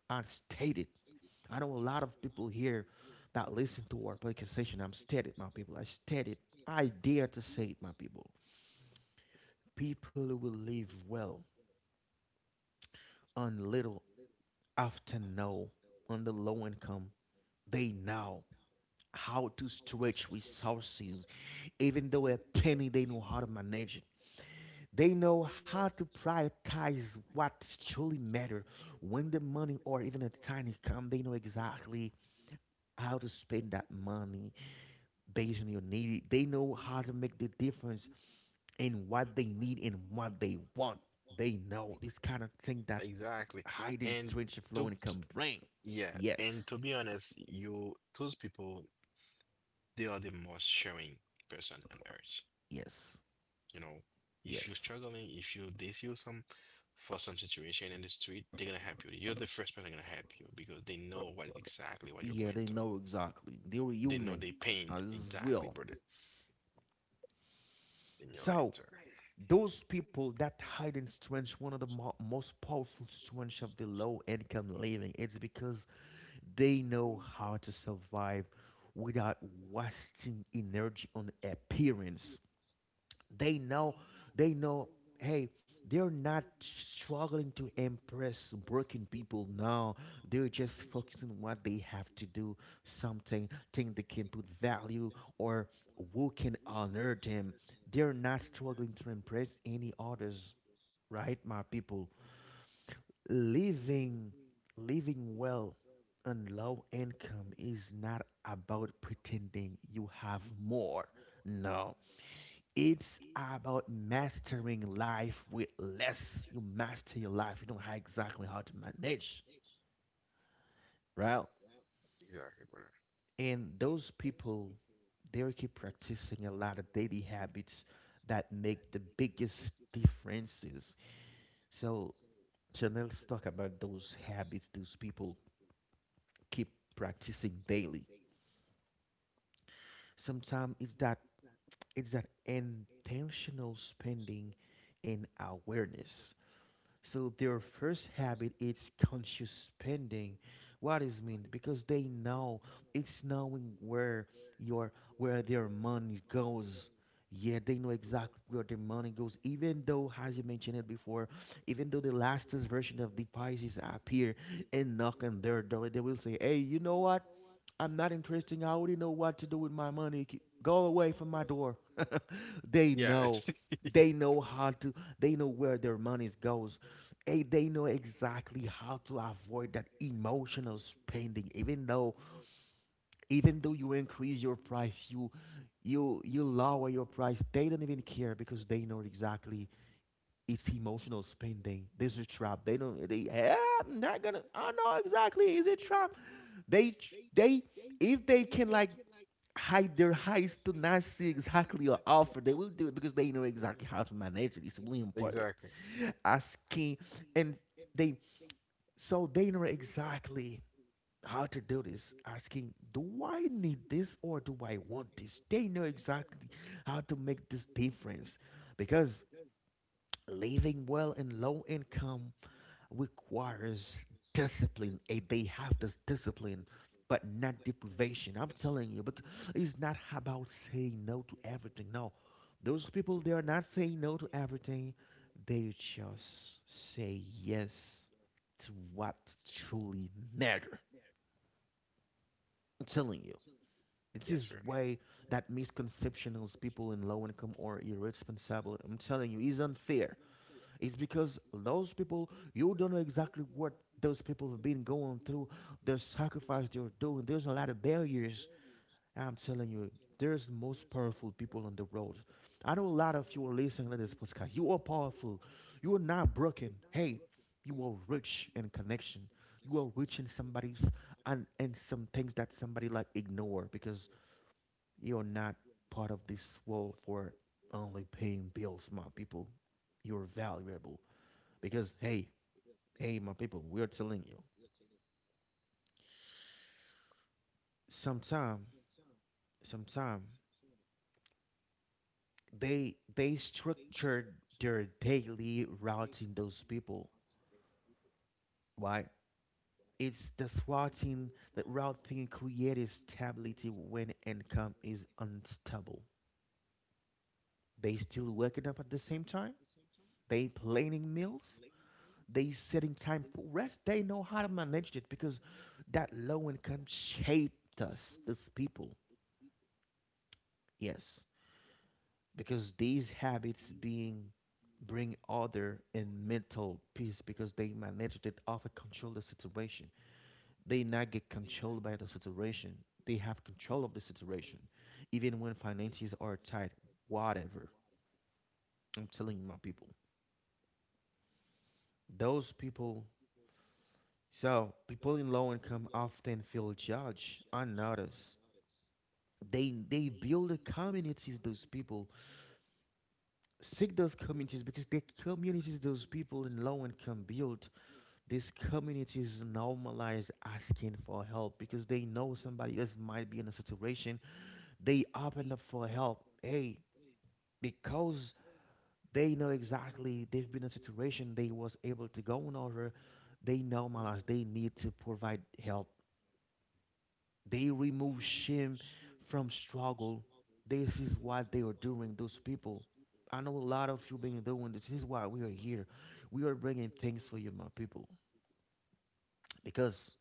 Speaker 1: I stated, I know a lot of people here that listen to our podcast session. I'm stated, my people, I stated, I dare to say it, my people, people who will live well on little often know on the low income, they know how to stretch resources. Even though a penny, they know how to manage it. They know how to prioritize what truly matter. When the money or even a tiny come, they know exactly how to spend that money based on your need. They know how to make the difference in what they need and what they want. They know this kind of thing that
Speaker 2: Exactly.
Speaker 1: hiding strange
Speaker 2: And
Speaker 1: flow income
Speaker 2: to
Speaker 1: bring.
Speaker 2: yeah,
Speaker 1: Yes,
Speaker 2: and to be honest, you those people they are the most sharing person on earth.
Speaker 1: yes.
Speaker 2: You know,
Speaker 1: Yes.
Speaker 2: if you're struggling, if you they see you some for some situation in the street, they're gonna help you. You're the first person gonna help you because they know what exactly
Speaker 1: Yeah,
Speaker 2: what you're
Speaker 1: they
Speaker 2: going
Speaker 1: know
Speaker 2: through.
Speaker 1: exactly. They were human
Speaker 2: They know the pain
Speaker 1: as well.
Speaker 2: exactly, brother, in
Speaker 1: So,
Speaker 2: your answer.
Speaker 1: those people that hide in strength, one of the most powerful strengths of the low income living, it's because they know how to survive without wasting energy on appearance. They know, they know, hey, they're not struggling to impress working people. No, they're just focusing on what they have to do, something, thing they can put value or who can honor them. They're not struggling to impress any others, right, my people? Living, living well on low income is not about pretending you have more. No, it's about mastering life with less. You master your life. You know how exactly how to manage, right? And those people, they will keep practicing a lot of daily habits that make the biggest differences. So, so let's talk about those habits those people keep practicing daily. Sometimes it's that intentional spending and awareness. So their first habit is conscious spending. What is does mean? Because they know, it's knowing where your where their money goes. Yeah, they know exactly where their money goes. Even though, as you mentioned it before, even though the lastest version of the Pisces appear and knock on their door, they will say, "Hey, you know what? I'm not interested. I already know what to do with my money. Go away from my door." They know. They know how to. They know where their money goes. Eh, they know exactly how to avoid that emotional spending. Even though you increase your price, you, you lower your price. They don't even care because they know exactly it's emotional spending. This is a trap. They don't. They. "Eh, I'm not gonna. I know exactly. Is it trap?" They. If they can like hide their highs to not see exactly your offer, they will do it because they know exactly how to manage it. It's really important. Asking and they, so they know exactly how to do this. Asking, do I need this or do I want this? They know exactly how to make this difference because living well in low income requires discipline. A they have this discipline, but not deprivation. I'm telling you, but it's not about saying no to everything. No, those people they are not saying no to everything. They just say yes to what truly matter. I'm telling you. It is
Speaker 2: Yes,
Speaker 1: way that misconceptions people in low income or irresponsible. I'm telling you, is unfair. It's because those people, you don't know exactly what those people have been going through, the sacrifice they're doing. There's a lot of barriers. I'm telling you, there's the most powerful people on the road. I know a lot of you are listening to this podcast. You are powerful. You are not broken. Hey, you are rich in connection. You are rich in somebody's and some things that somebody like ignore because you're not part of this world for only paying bills, my people. You're valuable because hey, hey, my people, we are telling you, sometime, sometime they structured their daily routing. Those people, right? It's the routing, that routing creates stability when income is unstable. They still waking up at the same time. They planning meals. They setting time for rest. They know how to manage it because that low income shaped us, those people. Yes, because these habits being bring order and mental peace because they manage it, often control the situation. They not get controlled by the situation. They have control of the situation even when finances are tight. Whatever, I'm telling you, my people, those people. So people in low income often feel judged, unnoticed. They build the communities, those people seek those communities, because the communities those people in low income build, these communities normalize asking for help because they know somebody else might be in a situation. They open up for help. Hey, because they know exactly they've been in a situation, they was able to go on over, they normalize they need to provide help. They remove shame from struggle. This is what they are doing, those people. I know a lot of you been doing this. This is why we are here. We are bringing things for you, my people, because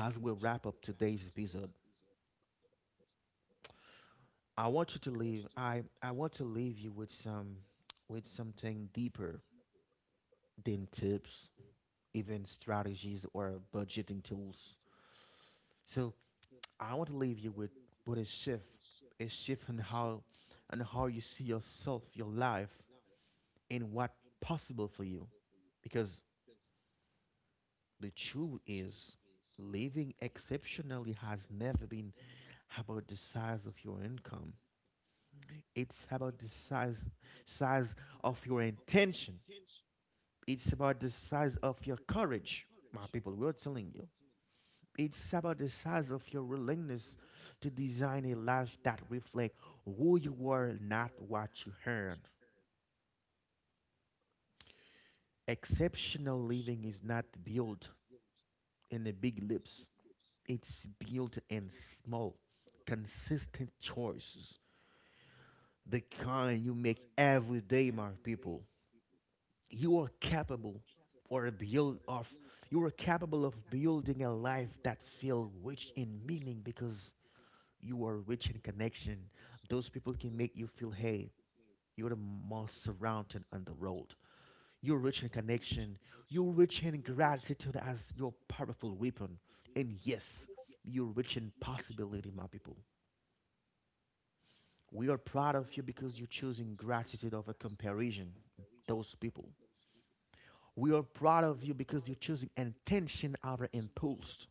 Speaker 1: as we wrap up today's episode, I want you to leave. I want to leave you with some, with something deeper than tips, even strategies or budgeting tools. So I want to leave you with with a shift, a shift in how and how you see yourself, your life, and what possible for you. Because the truth is, living exceptionally has never been about the size of your income. It's about the size size of your intention. It's about the size of your courage, my people. We're telling you. It's about the size of your willingness to design a life that reflects who you are, not what you earn. Exceptional living is not built in the big leaps. It's built in small, consistent choices. The kind you make every day, my people. you are capable or build of you are capable of building a life that feel rich in meaning because you are rich in connection. Those people can make you feel hey, you're the most surrounded on the road. You're rich in connection. You're rich in gratitude as your powerful weapon. And yes, you're rich in possibility, my people. We are proud of you because you're choosing gratitude over comparison, those people. We are proud of you because you're choosing intention over impulse.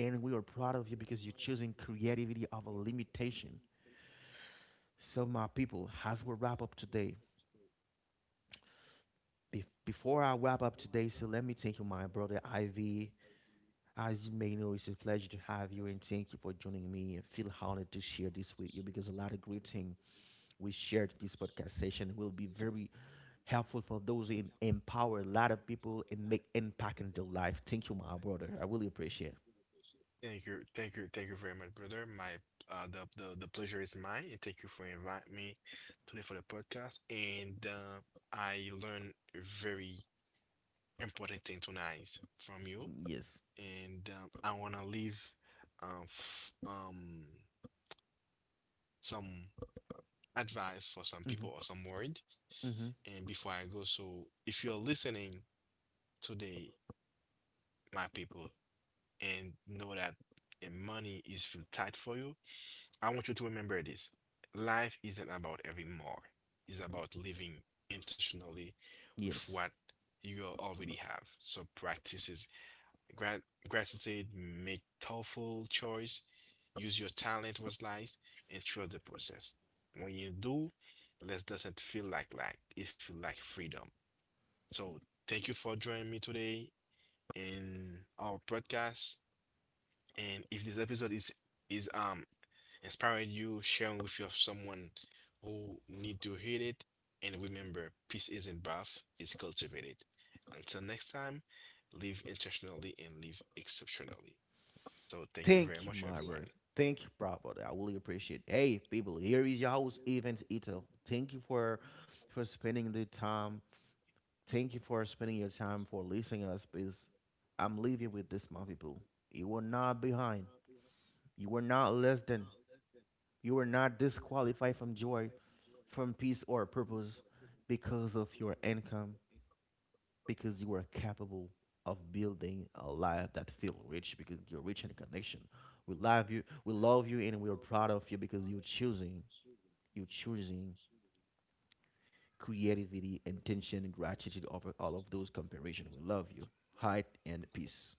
Speaker 1: And we are proud of you because you're choosing creativity over limitation. So, my people, as we wrap up today, before I wrap up today, so let me thank you, my brother Ivy. As you may know, it's a pleasure to have you and thank you for joining me. I feel honored to share this with you because a lot of great things we shared this podcast session will be very helpful for those who empower a lot of people and make impact in their life. Thank you, my brother. I really appreciate. It.
Speaker 2: thank you, thank you, thank you very much, brother. My the pleasure is mine, and thank you for inviting me today for the podcast. And I learned a very important thing tonight from you,
Speaker 1: Yes.
Speaker 2: and I wanna leave f some advice for some
Speaker 1: Mm-hmm.
Speaker 2: people or some word.
Speaker 1: Mm-hmm.
Speaker 2: And before I go, so if you're listening today, my people, and know that money is feel tight for you, I want you to remember this. Life isn't about having more. It's about living intentionally with
Speaker 1: Yes.
Speaker 2: what you already have. So practices grat- gratitude, make thoughtful choice, use your talent was lies, and trust the process. When you do, this doesn't feel like lack. It feel like freedom. So thank you for joining me today in our podcast. And if this episode is is um inspiring you, sharing with your someone who need to hear it. And remember, peace isn't buff, it's cultivated. Until next time, live intentionally and live exceptionally. So thank you very
Speaker 1: Thank you,
Speaker 2: much,
Speaker 1: my
Speaker 2: everyone.
Speaker 1: brother. Thank you, brother. I really appreciate. It. Hey, people, here is your host, Evans Ito. Thank you for spending the time. Thank you for spending your time for listening us. Because I'm leaving with this, my people. You were not behind. You were not less than. You were not disqualified from joy, from peace, or purpose because of your income, because you are capable of building a life that feels rich because you're rich in connection. We love you, and we are proud of you because you're choosing creativity, intention, and gratitude over all of those comparison. We love you. Height and peace.